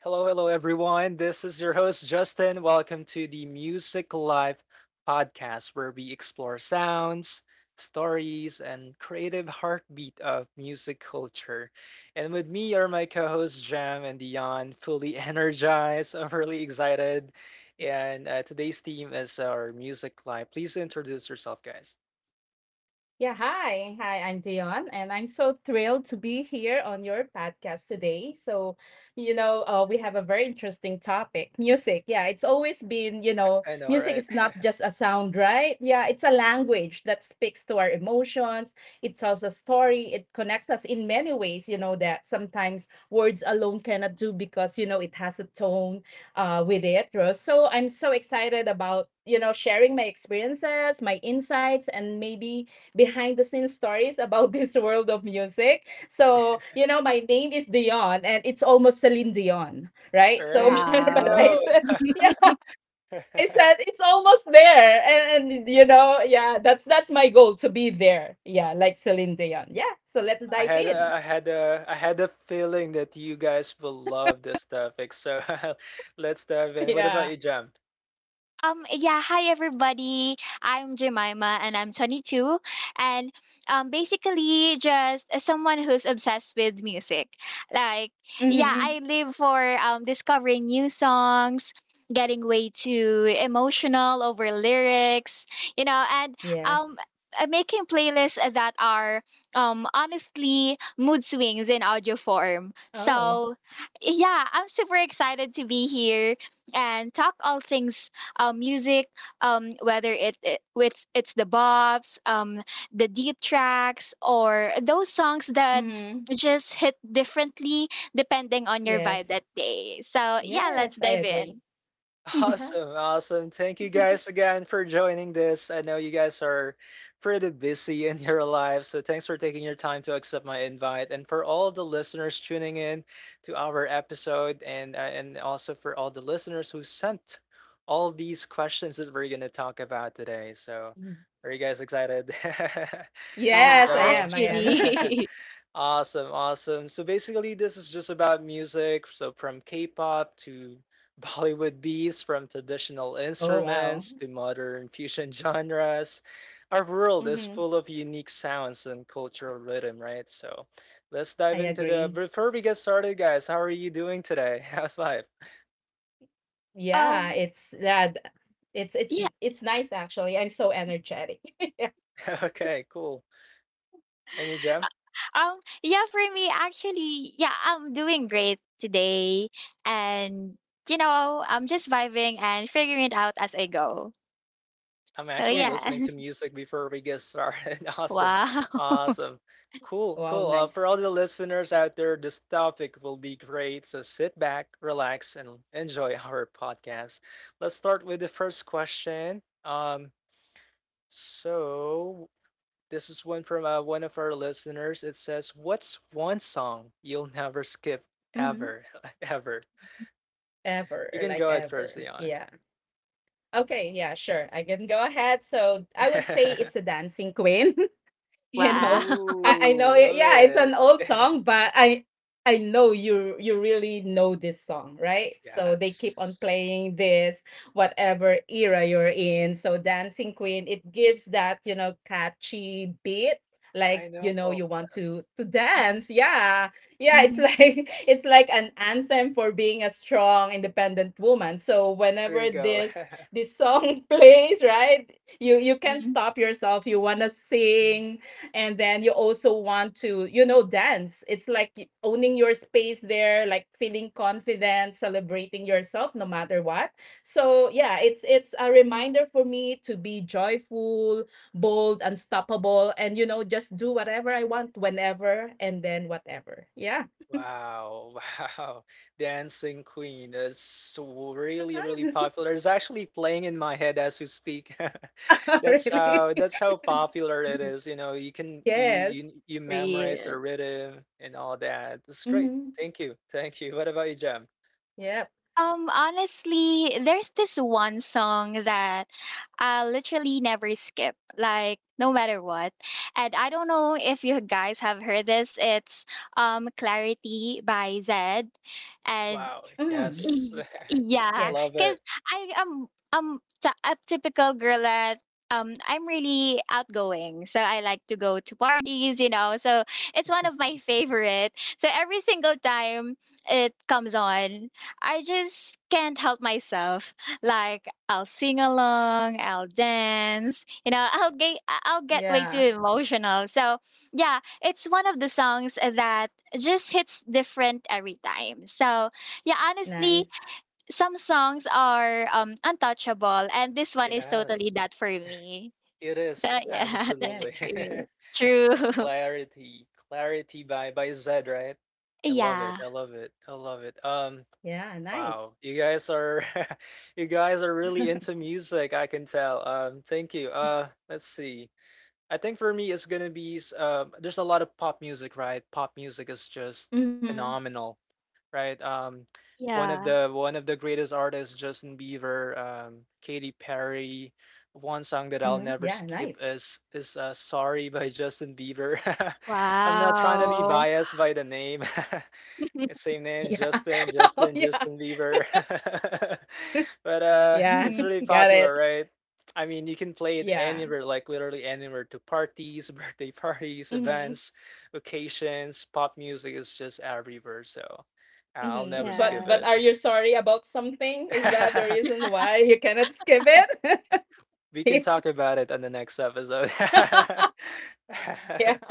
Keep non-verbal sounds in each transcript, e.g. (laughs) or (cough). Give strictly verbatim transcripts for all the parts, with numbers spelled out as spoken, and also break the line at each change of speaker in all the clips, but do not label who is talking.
Hello, hello, everyone. This is your host, Justin. Welcome to the Music Life podcast, where we explore sounds, stories, and creative heartbeat of music culture. And with me are my co hosts, Jam and Dion, fully (laughs) energized. I'm really excited. And uh, today's theme is our Music Life. Please introduce yourself, guys.
Yeah, hi. Hi, I'm Dion, and I'm so thrilled to be here on your podcast today. So, you know, uh, we have a very interesting topic music. Yeah, it's always been, you know,
I know,
music
right?
is not just a sound, right? Yeah, it's a language that speaks to our emotions. It tells a story. It connects us in many ways, you know, that sometimes words alone cannot do because, you know, it has a tone uh, with it. Rose. So, I'm so excited about, you know, sharing my experiences, my insights, and maybe behind the scenes stories about (laughs) this world of music. So, you know, my name is Dion and it's almost Celine Dion,
(laughs) All
right? So,
right.
(laughs) but
You
Wow.
I said, yeah,
know. (laughs)
I said it's almost there. And, and you know, yeah, that's that's my goal to be there. Yeah, like Celine Dion. Yeah. So let's
I
dive
had a-
in.
I
(laughs)
had a I had a feeling that you guys will love this topic. So (laughs) let's dive in. What
Yeah.
about you, Jam?
Um, yeah, hi everybody. I'm Jemima and I'm twenty-two. And um, basically, just uh, someone who's obsessed with music. Like, yeah,
Mm-hmm.
I live for um, discovering new songs, getting way too emotional over lyrics, you know, and um,
Yes.
uh, making playlists that are um, honestly mood swings in audio form.
Oh.
So, yeah, I'm super excited to be here and talk all things um, music, um, whether it, it it's it's the bops, um, the deep tracks, or those songs that
Mm-hmm.
just hit differently depending on your vibe that
Yes.
day. So yeah, let's
Yes, I
dive in.
agree.
(laughs)
Uh-huh.
Awesome, awesome. Thank you guys
(laughs)
again for joining this. I know you guys are pretty busy in your lives, so thanks for taking your time to accept my invite. And for all the listeners tuning in to our episode, and uh, and also for all the listeners who sent all these questions that we're gonna talk about today. So,
Mm.
are you guys excited? (laughs)
Yeah,
Yes, I
So
am. I am.
actually. (laughs)
(laughs) awesome, awesome. So basically, this is just about music. So from K-pop to (laughs) Bollywood beats, from traditional
(laughs) Oh, wow.
instruments to modern fusion (laughs) genres, our world is
Mm-hmm.
full of unique sounds and cultural rhythm, right? So let's dive
I
into the.
agree.
Before we get started, guys, how are you doing today? (laughs) How's life?
Um
Yeah, it's, yeah, th it's it's
yeah,
n it's nice actually. I'm so energetic. (laughs) Yeah.
(laughs) Okay, cool. And you, Jem?
um yeah for me actually, yeah, I'm doing great today and you know, I'm just vibing and figuring it out as I go.
I'm
So
actually
yeah.
listening
Yes.
to
(laughs)
music before we get started. (laughs) Awesome.
Wow. (laughs)
Awesome. Cool, cool.
Wow,
Uh, for all
nice.
the listeners out there, this topic will be great. So sit back, relax, and enjoy our podcast. Let's start with the first question. Um, so this is one from uh, one of our listeners. It says, "What's one song you'll never skip
Mhm.
ever, (laughs) ever?" You
Ever,
can
like
go ahead first,
ever.
Leon.
Yeah. Okay, yeah, sure. I can go ahead. So I would say it's
(laughs)
a dancing queen. (laughs) (laughs) you know
Wow.
i i
Ooh,
know it.
love
Yeah, it's an
it.
old
(laughs)
song, but i i know you you really know this song, right? So they keep on
Yes.
playing this whatever era you're in. So dancing queen, it gives that, you know catchy beat, like,
I know,
you know you want
yes.
to to
(laughs)
dance, yeah. Yeah, it's
Mhm.
like (laughs) it's like an anthem for being a strong independent woman. So
There
whenever
you go.
this
(laughs)
this song (laughs) plays, right, you you can't
Mhm.
stop yourself. You want to sing, and then you also want to, you know dance. It's like y- owning your space there, like feeling confident, celebrating yourself no matter what. So yeah, it's it's a reminder for me to be joyful, bold, unstoppable, and, you know just do whatever I want, whenever, and then whatever, yeah.
Wow, wow. (laughs) Dancing Queen. That's so really, really popular. It's actually playing in my head as you speak.
(laughs)
(laughs) That's
Really.
how that's how popular it
(laughs)
is. You know, you can you
Yes.
you you memorize the
Real.
rhythm and all that. It's great.
Mm-hmm.
Thank you. Thank you. What about you, Jam?
Yep.
Um, honestly, there's this one song that I literally never skip, like no matter what. And I don't know if you guys have heard this. It's um Clarity by Zed. And
Wow.
Mm.
Yes.
Y
(laughs)
yeah,
Yes.
Love
cause
it.
I am um t a typical girl that um I'm really outgoing, so I like to go to parties, you know, so it's one of my favorite. So every single time it comes on, I just can't help myself. Like I'll sing along, I'll dance, you know, I'll get I'll get way
Yeah,
too emotional. So yeah, it's one of the songs that just hits different every time. So yeah, honestly,
nice.
some songs are um untouchable, and this one is totally
Yes.
that for me.
It
So
is.
yeah, (laughs) that's
Yes.
it
Absolutely.
for me.
(laughs)
True. (laughs)
Clarity, Clarity by by Zed, right? I love it.
Yeah.
I love it. I love it. Um,
Yeah, nice.
wow, you guys are (laughs) you guys are really into music, I can tell. Um, thank you. Uh, let's see. I think for me it's gonna be s- um, there's a lot of pop music, right? Pop music is just
Mm-hmm.
phenomenal, right? Um, one of
Yeah.
the one of the greatest artists, Justin Bieber, um, Katy Perry. One song that I'll
Mhm.
never
Yeah,
skip
nice.
is is uh, "Sorry" by Justin Bieber. (laughs) I'm not trying
Mm.
to be
Wow.
biased by the name. (laughs) Yeah,
(laughs)
same name,
Yeah.
Justin,
(laughs) Oh,
Justin,
yeah.
Justin Bieber. (laughs) But uh
Yeah.
it's
Mhm.
really
(laughs) Got
popular,
it.
right? I mean, you can play it
Yeah.
anywhere, like literally anywhere, to parties, (laughs) birthday parties,
Mhm.
events, occasions. Pop music is just everywhere, so I'll never
Mhm. But
skip
Yeah.
but
it.
are you sorry about something? Is that the
(laughs)
reason why you cannot skip it? (laughs)
We can
Yeah.
talk about it on the next episode.
(laughs) Yeah.
(laughs)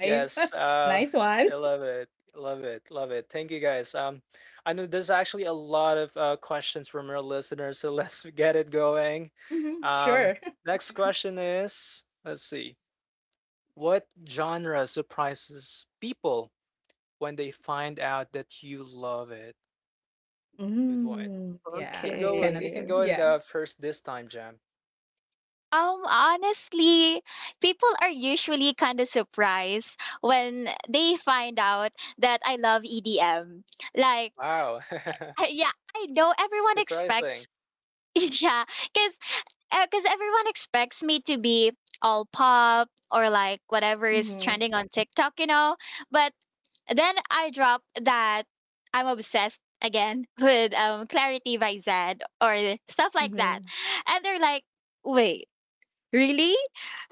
Nice. (laughs)
uh,
Nice one.
I love it, love it, love it. Thank you guys. Um, I know there's actually a lot of uh, questions from our listeners, so (laughs) let's get it going.
Mhm.
Um,
Sure. (laughs)
Next question is, let's see, what genre surprises people when they find out that you love it? Good one. You
Mm.
can
Yeah. You
go. Uh, you
cannot.
can
Okay.
go at
Yeah.
uh, first this time, Jam.
Um, honestly, people are usually kind of surprised when they find out that I love E D M. Like,
Wow, (laughs)
(laughs) I- yeah, I know everyone
surprising.
expects, (laughs) yeah, because because everyone expects me to be all pop or like whatever is
Mhm.
trending on TikTok, you know. But then I dropped that I'm obsessed again (laughs) with um, Clarity by Zed or stuff like that,
Mhm.
and they're like, "Wait, really?"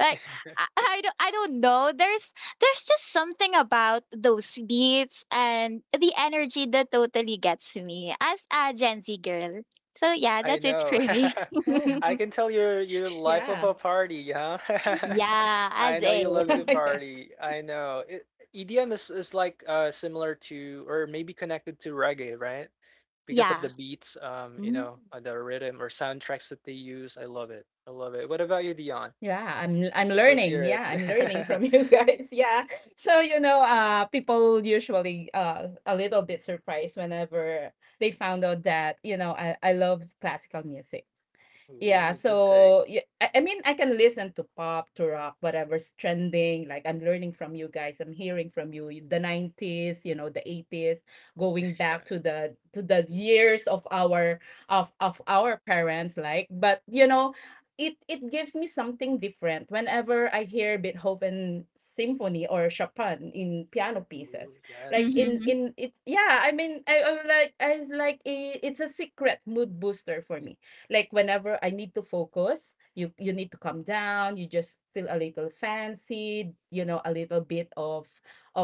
Like
(laughs)
I, I don't I don't know. There's there's just something about those beats and the energy that totally gets me as a Gen Z girl. So yeah,
I
that's it for
know.
me.
Oh,
(laughs) I
(laughs)
can tell your your life
yeah.
of a party, huh?
Yeah,
(laughs)
as
I know you love
(laughs)
to
in.
Yeah.
party. I know. It, E D M is, is like uh similar to or maybe connected to reggae, right? Because of
Yeah.
the beats, um,
Mm.
you know, uh, the rhythm or soundtracks that they use. I love it. I love it. What about you, Dion?
Yeah, I'm I'm
Let's
learning.
hear
Yeah, I'm learning from
it.
you guys. (laughs) Yeah. So, you know, uh people usually uh a little bit surprised whenever they found out that, you know, I, I love classical music.
(laughs)
Yeah,
Ooh, good take.
so yeah, I, I mean, I can listen to pop, to rock, whatever's trending. Like I'm learning from you guys. I'm hearing from you. y- The nineties, you know, the eighties, going back
Yeah.
to the to the years of our of of our parents. Like, but you know, it it gives me something different whenever I hear Beethoven symphony or Chopin in piano
Ooh,
pieces. Like
yes.
in
Mhm.
in it's yeah. I mean, I, I'm like, I was like, it, it's a secret mood booster for me, like whenever I need to focus, you you need to calm down. You just feel a little fancy, you know, a little bit of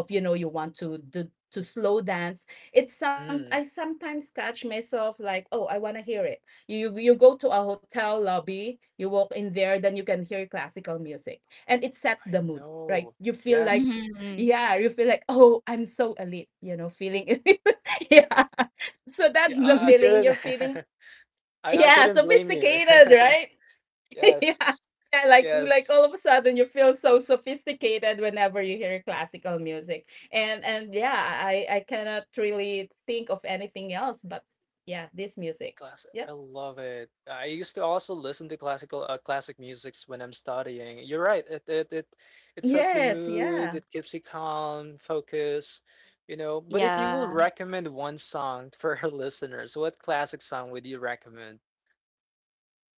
of you know you want to do to slow dance. It's some
Mm,
I sometimes catch myself like, oh, I wanna hear it. You you go to a hotel lobby, you walk in there, then you can hear classical music, and it sets
I
the mood, right?
know.
You feel like,
Yes.
Mhm.
yeah, you feel like, oh, I'm so elite, you know, feeling (laughs) yeah. So
Yeah,
that's the
I, I
(laughs)
feeling
couldn't.
you're feeling,
(laughs) I I
yeah,
couldn't blame you. (laughs)
sophisticated, right? (laughs) Yeah.
Yes.
Yeah, like like
Yes.
all of a sudden you feel so sophisticated whenever you hear classical music. And and yeah, I I cannot really think of anything else, but yeah, this music.
Classic. I
Yep.
love it. I used to also listen to classical uh, classic musics when I'm studying. You're right. It it it it sets the
Yes, yeah.
mood, it keeps you calm, focus, you know. But if you will
Yeah.
recommend one song (laughs) for our listeners, what classic song would you recommend?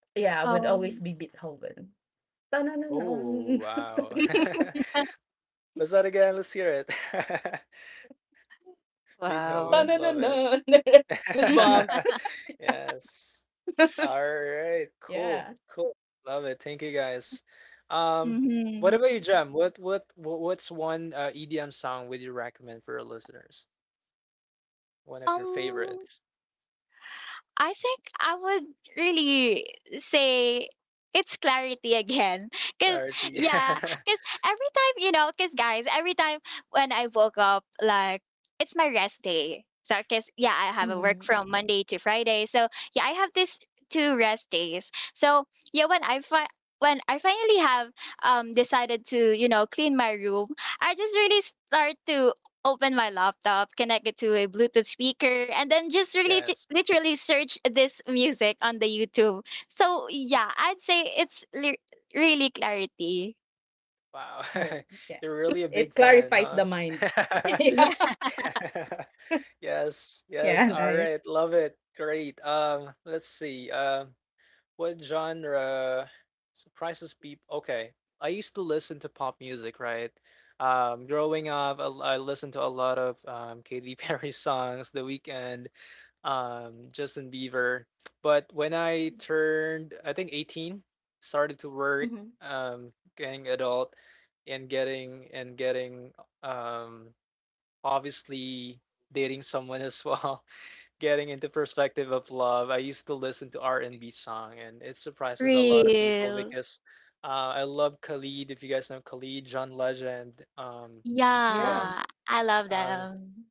Yeah, would
Oh,
always be Beethoven. Dun dun
Oh,
dun
wow.
dun.
(laughs) What's that again? Let's hear it. (laughs)
Dun
wow.
Beethoven,
dun
love
dun
it.
dun. (laughs) (laughs) Goosebumps.
(laughs)
(laughs)
Yes. All right. Cool.
Yeah.
Cool. Love it. Thank you guys. Um, what
Mhm.
about you, Jem? What what wha- what's one uh, E D M song would you recommend for our listeners? One of your
Um,
favorites?
I think I would really say it's Clarity again. (laughs) Cause
Clarity.
yeah,
(laughs)
cause every time, you know, cause guys, every time when I woke up, like it's my rest day. So, cause yeah, I have a work
Hmm.
from Monday to Friday. So yeah, I have this two rest days. So yeah, when I fi- when I finally have um decided to, you know, clean my room, I just really start to open my laptop, connect it to a Bluetooth speaker, and then just really t-
Yes.
literally search this music on the YouTube. So yeah, I'd say it's li- really Clarity.
Wow.
Oh, yeah.
(laughs) You're really a big
It
fan,
clarifies
huh?
the mind. (laughs)
(laughs)
Yeah.
Yeah,
(laughs) Yes. Yes.
Yeah,
All
nice.
right. Love it. Great. Um, let's see. Um, What genre surprises people? Okay. I used to listen to pop music, right? Um, growing up, I, I listened to a lot of um, Katy Perry (laughs) songs, The Weeknd, um, Justin Bieber. But when I turned, I think, eighteen, started to work, um, getting adult and getting and getting um, obviously dating someone as well. (laughs) Getting into perspective of love, I used to listen to R and B song, and it
(laughs)
surprises a lot of people
real.
because uh, I love Khalid. If you guys know Khalid, John Legend, um, who
Yeah.
else?
Yeah, I love
Um,
them.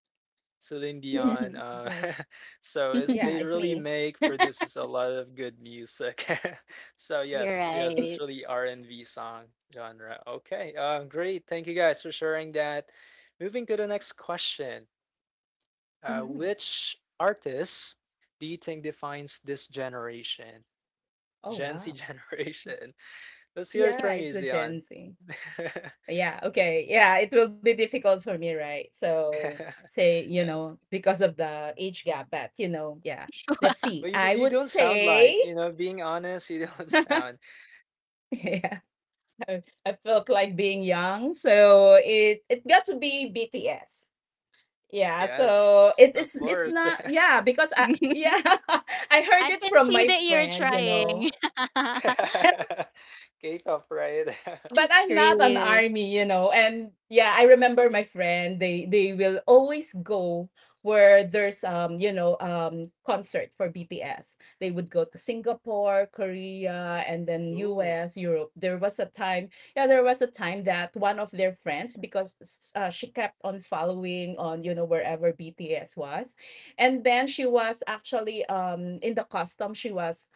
Celine
Yes.
Dion.
(laughs)
Uh,
Nice.
(laughs) so it's
Yeah,
they
it's
really
me.
make produces a lot of good music. (laughs) So
You're
yes, yes,
(laughs)
it's
right.
really R and B song genre. Okay, um, great. Thank you guys for sharing that. Moving to the next question. Uh,
Mhm.
which artist do you think defines this generation,
Oh,
Gen Z
wow.
generation? (laughs) Let's hear it
Yeah,
from
it's
you,
the
Zion.
Gen Z.
(laughs) Yes.
Yeah, okay. Yeah, it will be difficult for me, right? So, say, you know, because of the age gap, but, you know, yeah. Let's see.
But you, d-
I
you
would
don't sound
say,
like, you know, being honest, you (laughs) don't sound.
(laughs) yeah, I I felt like being young, so it it got to be B T S. Yeah, so
Yes,
it,
of
it's it's
course.
not, yeah, because I,
(laughs)
yeah. (laughs) I
I
heard it
can
from
see
my
that you're
friend, you know.
trying. (laughs)
(laughs) K pop, right? (laughs)
But I'm not an
Real.
army, you know. And yeah, I remember my friend. They they will always go where there's, um you know um concert for B T S. They would go to Singapore, Korea, and then
Ooh,
U S, Europe. There was a time, yeah, there was a time that one of their friends, because s- uh, she kept on following on, you know wherever B T S was. And then she was actually, um in the custom, she was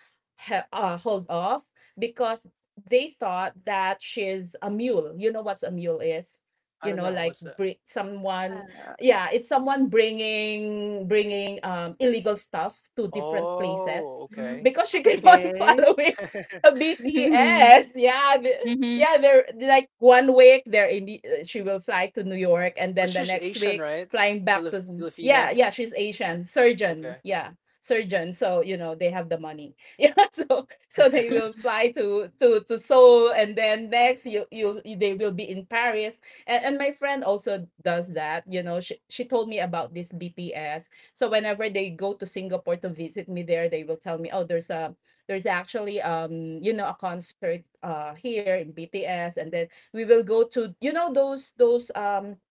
he- uh, hold off because they thought that she's a mule. You know what's a mule is?
I
You
don't
know,
know.
like
What's that?
bring someone.
Um,
Yeah, it's someone bringing bringing um illegal stuff to different places,
Oh, okay.
because she keep on (laughs)
Okay.
following
(laughs) But
a B T S. Yeah.
(laughs)
the-
Mm-hmm.
Yeah, they're like, one week they're in the, uh, she will fly to New York and then the
she's
next
Asian,
week
right?
flying back
Filip
to,
Filipina.
yeah. Yeah, she's Asian, surgeon.
Okay.
Yeah, surgeon. So, you know, they have the money. (laughs) Yeah. So so they will fly to to to Seoul, and then next, you you they will be in Paris. And, and my friend also does that, you know she, she told me about this BTS. So whenever they go to Singapore to visit me there, they will tell me, oh, there's a there's actually, um you know a concert, uh here in BTS. And then we will go to, you know those those um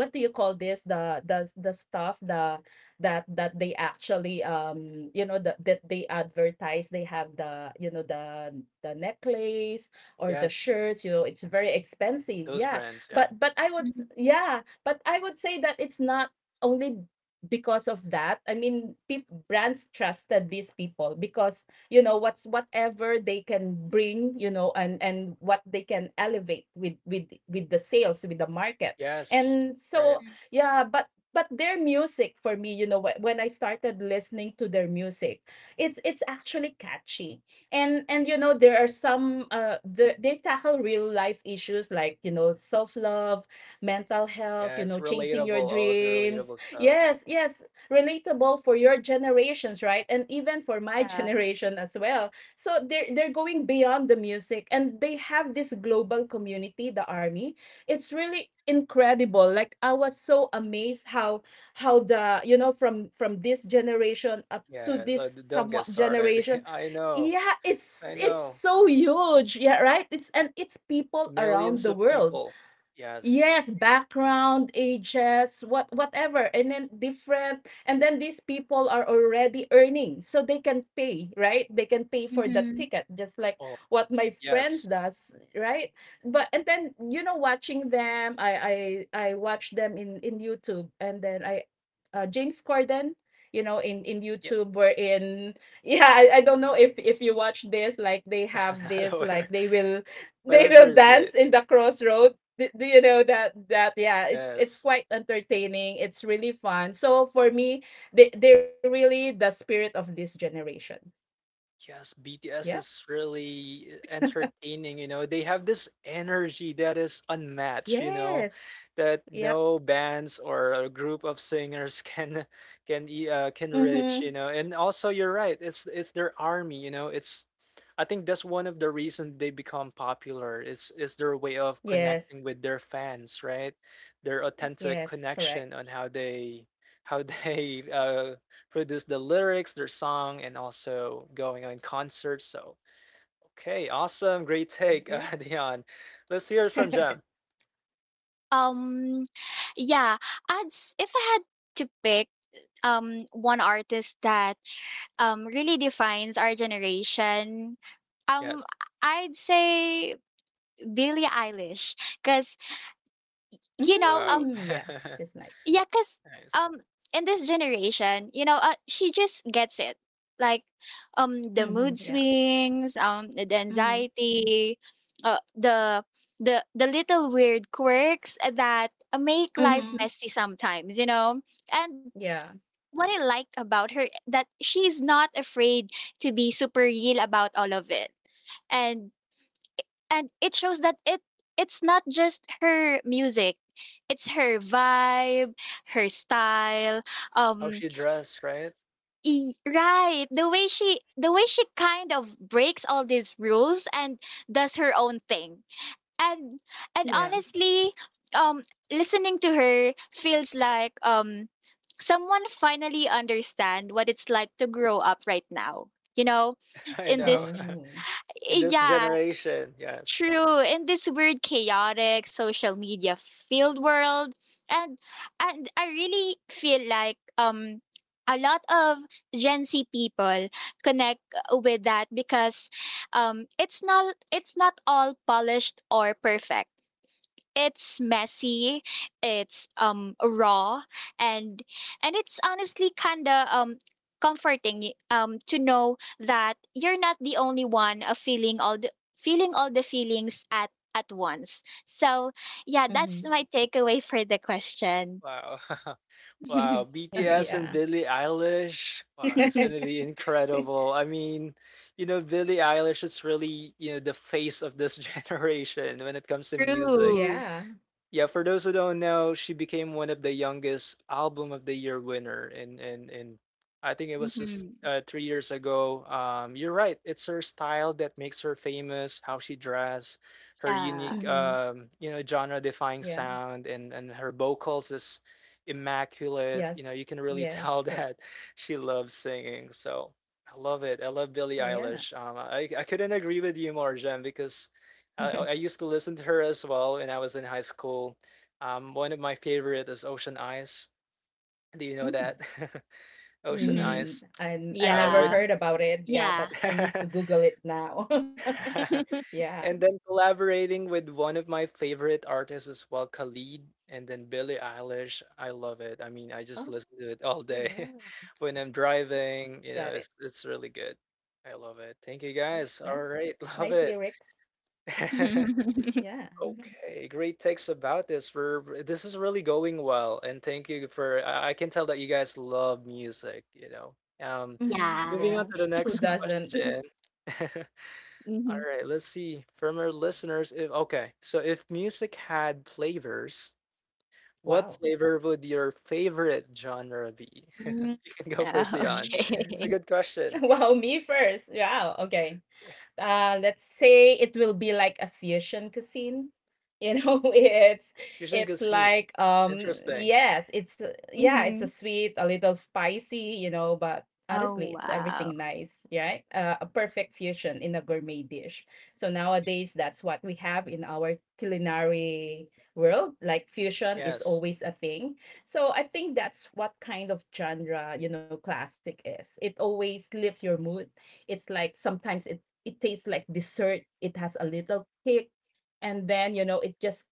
what do you call this, the the the stuff, the that that they actually, um you know the, that they advertise. They have, the you know the the necklace
(laughs)
or the
Yes,
shirts. You know it's very expensive,
those
yeah.
brands. Yeah.
but but I would, yeah, but I would say that it's not only because of that. I mean, peop brands trusted these people, because, you know what's whatever they can bring, you know and and what they can elevate with, with with the sales, with the market.
Yes,
And
right.
so,
(laughs)
yeah, but but their music for me, you know wh- when I started listening to their music, it's it's actually catchy. And, and you know there are some, uh the, they tackle real life issues, like, you know self love, mental health,
Yeah,
you
it's
know chasing
relatable,
your
all of the
dreams.
relatable stuff.
Yes, yes, relatable for your generations, right? And even for my (laughs)
Yeah.
generation as well. So they're they're going beyond the music, and they have this global community, the army. It's really incredible. Like I was so amazed how, how the you know from, from this generation up to
Yeah, so
this
d don't
somewhat
get started.
generation.
(laughs) I know,
Yeah, it's
I
it's
know.
so huge. Yeah, right. It's, and it's people around
Millions
the
of
world.
people.
Yes,
Yes.
background, ages, what whatever, and then different, and then these people are already earning, so they can pay, right? They can pay for the
Mm-hmm.
ticket, just like
Oh,
what my friends
yes.
does, right? But and then, you know, watching them, I I I watch them in, in YouTube. And then I, uh, James Corden, you know, in, in
Yeah,
YouTube, where in (laughs) yeah, I, I don't know if if you watch this, like they
(laughs)
have
I'm not
this, like
aware,
they will, (laughs)
but
they
I'm sure
will
it's great.
dance in the crossroads. Do do you know that? That, yeah, it's it's
Yes.
quite entertaining, it's really fun. So for me, they they're really the spirit of this generation.
Yes,
Yep.
B T S is really entertaining, you know. They have this energy that is unmatched, you know,
Yes.
that
Yep.
no bands or a group of singers (laughs) can can e- uh, can
Mm-hmm.
reach, you know. And also you're right, it's it's their army, you know. It's I think that's one of the reasons they become popular. It's it's their way of
Yes.
connecting with their fans, right? Their
Yes,
authentic
correct.
connection on how they how (laughs) they uh produce the lyrics, their song, and also going on concerts. So, okay, awesome, great
Yeah.
take, uh, (laughs) Dion. Let's hear it
(laughs)
from Jem.
Um, yeah, ads. If I had to pick um one artist that um really defines our generation, um
Yes.
I'd say Billie Eilish, because you know
Mm,
Wow.
um
yeah, it's
(laughs)
nice.
yeah, cause
Nice.
um in this generation, you know, uh, she just gets it. Like um the
Mm-hmm. Yeah.
mood swings, um the
Mm-hmm.
anxiety, uh the the the little weird quirks that make
Mm-hmm.
life messy sometimes, you know. And
Yeah.
what I like about her that she's not afraid to be super real about all of it. And and it shows that it it's not just her music. It's her vibe, her style,
How
um
she dressed, right?
e- right, the way she the way she kind of breaks all these rules and does her own thing. and
Yeah.
and honestly, um listening to her feels like um someone finally understand what it's like to grow up right now. You know
(laughs) I
in
know.
this
Oh.
(laughs) In this
yeah
generation, yes.
True, in this weird, chaotic, social media filled world, and and I really feel like um a lot of Gen Z people connect with that because um it's not it's not all polished or perfect. It's messy, it's um raw, and and it's honestly kind of um comforting y- um to know that you're not the only one uh, feeling all the feeling all the feelings at at once. So, yeah,
Mm-hmm.
that's my takeaway for the question.
Wow. (laughs) Wow.
(laughs)
(laughs)
B T S
Yeah.
and Billie Eilish. Wow, it's gonna be
(laughs)
incredible. I mean, you know, Billie Eilish is really, you know, the face of this (laughs) generation when it comes to music.
True.
Yeah.
Yeah, for those who don't know, she became one of the youngest album of the year winner and and and I think it was just
Hmm.
uh, three years ago. Um, you're right. It's her style that makes her famous. How she dress, her
Yeah.
unique,
Mm-hmm.
um, you know, genre-defying
Yeah.
sound, and and her vocals is immaculate. You
Yes.
know, you can really
Yes,
tell (laughs)
correct.
that she loves singing. So I love it. I love Billie
Yeah.
Eilish. Um, I I couldn't agree with you more, Jen, because I I
(laughs)
used to listen to her as well when I was in high school. Um, one of my favorite is Ocean Eyes. Do you know
Mm.
that? (laughs) Ocean
Mhm.
Mm,
Eyes.
I I
Uh,
never
Yeah.
with
heard about it. Yeah,
Yeah.
but I need to
(laughs)
Google it now. (laughs)
(laughs)
Yeah.
and then collaborating with one of my favorite artists as well, Khalid, and then Billie Eilish. I love it. I mean, I
Oh,
just listen to it all day
yeah.
(laughs) when I'm driving. You
Got
know,
it.
it's it's really good. I love it. Thank you
Oh,
guys. All
nice.
right, love
Nice
it.
lyrics.
(laughs)
Yeah.
Okay, great takes about this. For this is really going well, and thank you for. I I can tell that you guys love music, you know. Um,
Hmm.
but
Yeah.
moving on
Yeah.
to the
Who
next
doesn't? (laughs)
question. (laughs) All
Mhm.
right, let's see. From our listeners, if okay, so if music had flavors, what
Wow.
flavor would your favorite genre be?
Mm, (laughs)
(laughs) You can go first, Dion. It's
Mm.
a
okay.
good question.
(laughs) Wow, me first. Yeah. Okay. Uh, let's say it will be like a fusion cuisine. You know, (laughs) it's
Fusion
it's
cuisine.
like, um
Interesting.
yes, it's a- yeah, it's a
Mhm.
sweet, a little spicy, you know, but
Oh,
honestly, it's
wow.
everything nice, right? Uh, a perfect fusion in a gourmet dish. So nowadays, that's what we have in our culinary world. Like fusion is
Yes.
always a thing. So I think that's what kind of genre, you know, classic is. It always lifts your mood. It's like sometimes it it tastes like dessert. It has a little kick, and then you know it just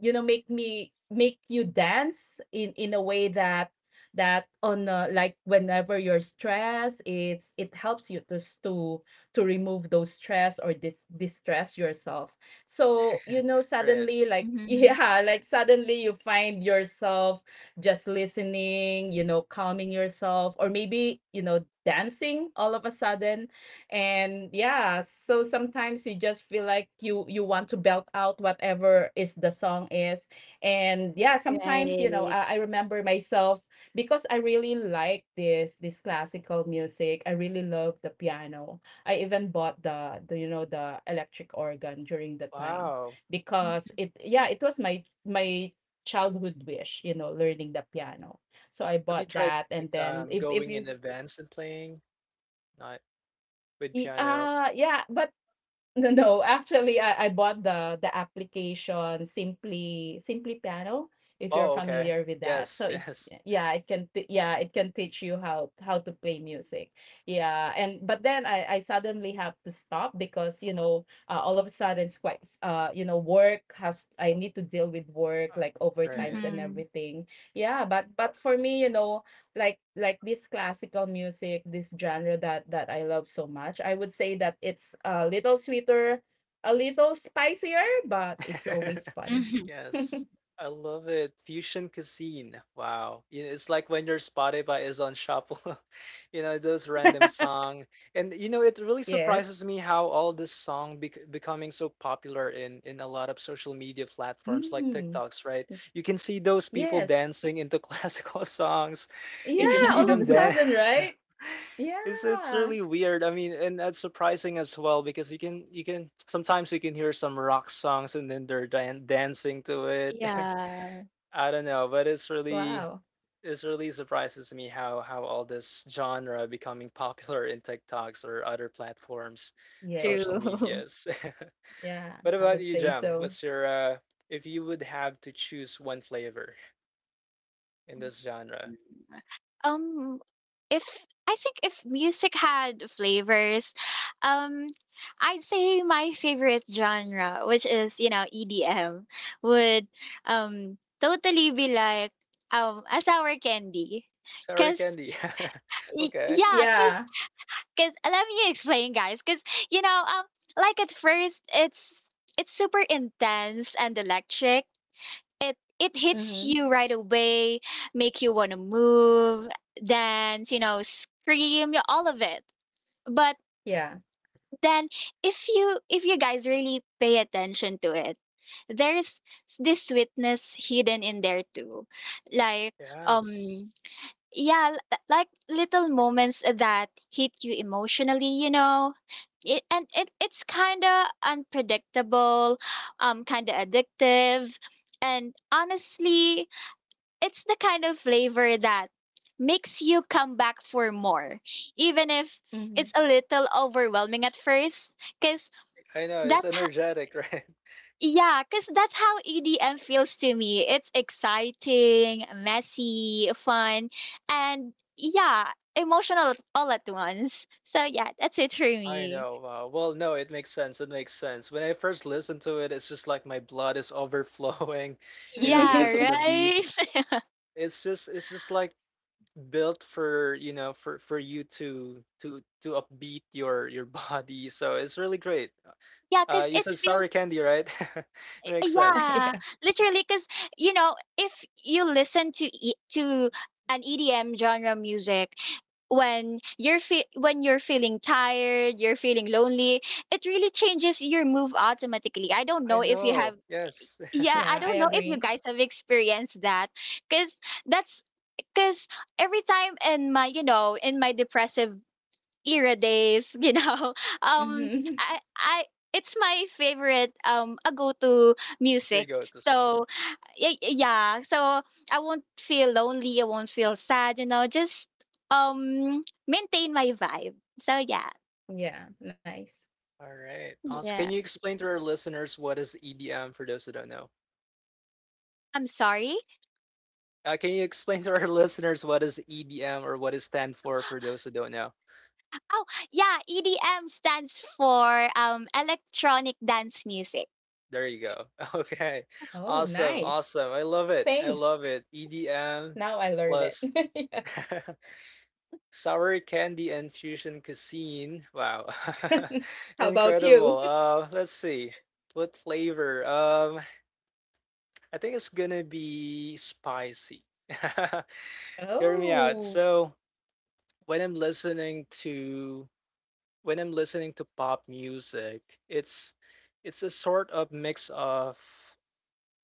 you know make me make you dance in in a way that that on uh, like whenever you're stressed it's it helps you to s- to to remove those stress or dis- distress yourself so you know
Right.
suddenly like (laughs)
Mhm.
yeah like suddenly you find yourself just listening, you know calming yourself, or maybe you know dancing all of a sudden. And yeah, so sometimes you just feel like you you want to belt out whatever is the song is. And yeah, sometimes you know
Right.
I, I remember myself because I really like this this classical music. I really love the piano. I even bought the, the you know the electric organ during the time
Wow.
because
M
it yeah it was my my childhood wish, you know learning the piano. So I
Have you
bought
tried
that. And
like
then
um
if if
going
you
in events and playing? Not with
y-
piano.
uh yeah but No, no. Actually, I I bought the the application Simply Simply Piano, if you're
Oh, okay.
familiar with that. So
Yes, (laughs)
it
yes.
yeah, it can t- yeah, it can teach you how how to play music. Yeah, and but then I I suddenly have to stop because you know uh, all of a sudden it's quite s- uh you know work has I need to deal with
Uh,
work like
right.
overtimes and
mhm.
everything. Yeah, but but for me, you know like like this classical music, this genre that that I love so much, I would say that it's a little sweeter, a little spicier, but it's
(laughs)
always fun.
Mhm.
(laughs)
Yes, I love it. Fusion cuisine. Wow. You know, it's like when your Spotify is on shuffle, (laughs) you know, those random song. And you know, it really surprises
Yes.
me how all this song bec becoming so popular in in a lot of social media platforms like
Mm.
TikToks, right? You can see those people
Yes.
dancing into (laughs) classical songs. You
Yeah,
can see
all
them
of a
(laughs)
dance.
sudden,
(laughs)
right?
(laughs) It's it's really
Yeah.
weird. I mean, and that's surprising as well because you can you can sometimes you can hear some rock songs and then they're dan- dancing to it.
Yeah,
(laughs) I don't know, but it's really
Wow.
it's really surprises me how how all this genre becoming (laughs) popular in TikToks or other platforms, social
Yes.
true. (laughs)
medias. (laughs)
Yeah,
What
I
about
would
you,
say
Jam?
so.
What's your uh if you would have to choose one flavor in this genre?
Um, if I think if music had flavors, um, I'd say my favorite genre, which is, you know, E D M, would, um, totally be like, um, a sour candy.
Sour
Cause
candy. (laughs)
y
Okay.
yeah, cause.
Yeah.
Because let me explain, guys. Because you know, um, like at first, it's it's super intense and electric. It it hits
Mm-hmm.
you right away, make you want to move, dance, you know, scream, y- all of it. But
Yeah.
then, if you if you guys really pay attention to it, there's this sweetness hidden in there too, like
Yes.
um yeah l- like little moments that hit you emotionally, you know it, and it, it's kind of unpredictable, um kind of addictive, and honestly it's the kind of flavor that makes you come back for more, even if it's
Mm-hmm.
a little overwhelming at first, because
I know it's
that's ho-
energetic, (laughs) right?
yeah, cause that's how E D M feels to me. It's exciting, messy, fun, and yeah, emotional all at once. So yeah, that's it for
I
me.
know. Wow. Well, no, it makes sense. It makes sense. When I first listened to it, it's just like my blood is overflowing, (laughs) you know,
Yeah,
because of the
(laughs)
right?
beats.
(laughs)
It's just it's just like built for, you know, for for you to to to upbeat your your (laughs) body. So it's really great.
Yeah,
Uh,
cause
you
it
said sour
feels,
candy, right? (laughs) It makes sense.
yeah,
Yeah.
literally. Cause you know, if you listen to e to an E D M genre music when you're fe when you're feeling tired, you're feeling lonely, it really changes your move automatically. I don't know
I
if you
know.
have.
Yes. (laughs)
Yeah, I
Yeah,
don't
I
know if you
agree.
guys have experienced that cuz that's cuz every time in my, you know, in my depressive era days, (laughs) you know, um
Mm-hmm. (laughs)
I I it's my favorite um a go-to
Here you
music.
go with the song.
So y- y- yeah, so I won't feel lonely, I won't feel sad, you know, just um maintain my vibe. So yeah.
Yeah, nice.
All right. Awesome. Can
Yeah.
you explain to our listeners what is E D M for those who don't know?
I'm sorry.
Uh, can you explain to our (laughs) listeners what is E D M or what it stand for for those who don't know?
Oh, yeah, E D M stands for um electronic dance music.
There you go. (laughs) Okay.
Oh,
Awesome.
nice.
Awesome. I love it. I
Thanks.
love it. E D M
Now I learned
plus (laughs)
it. (laughs)
sour candy and fusion cuisine. Wow.
Yeah.
(laughs)
(laughs) How about
Incredible.
you? (laughs)
Uh, let's see. What flavor? Um, I think it's gonna be spicy. (laughs) Hear me out.
Oh,
So when I'm listening to when I'm listening to pop music, it's it's a sort of mix of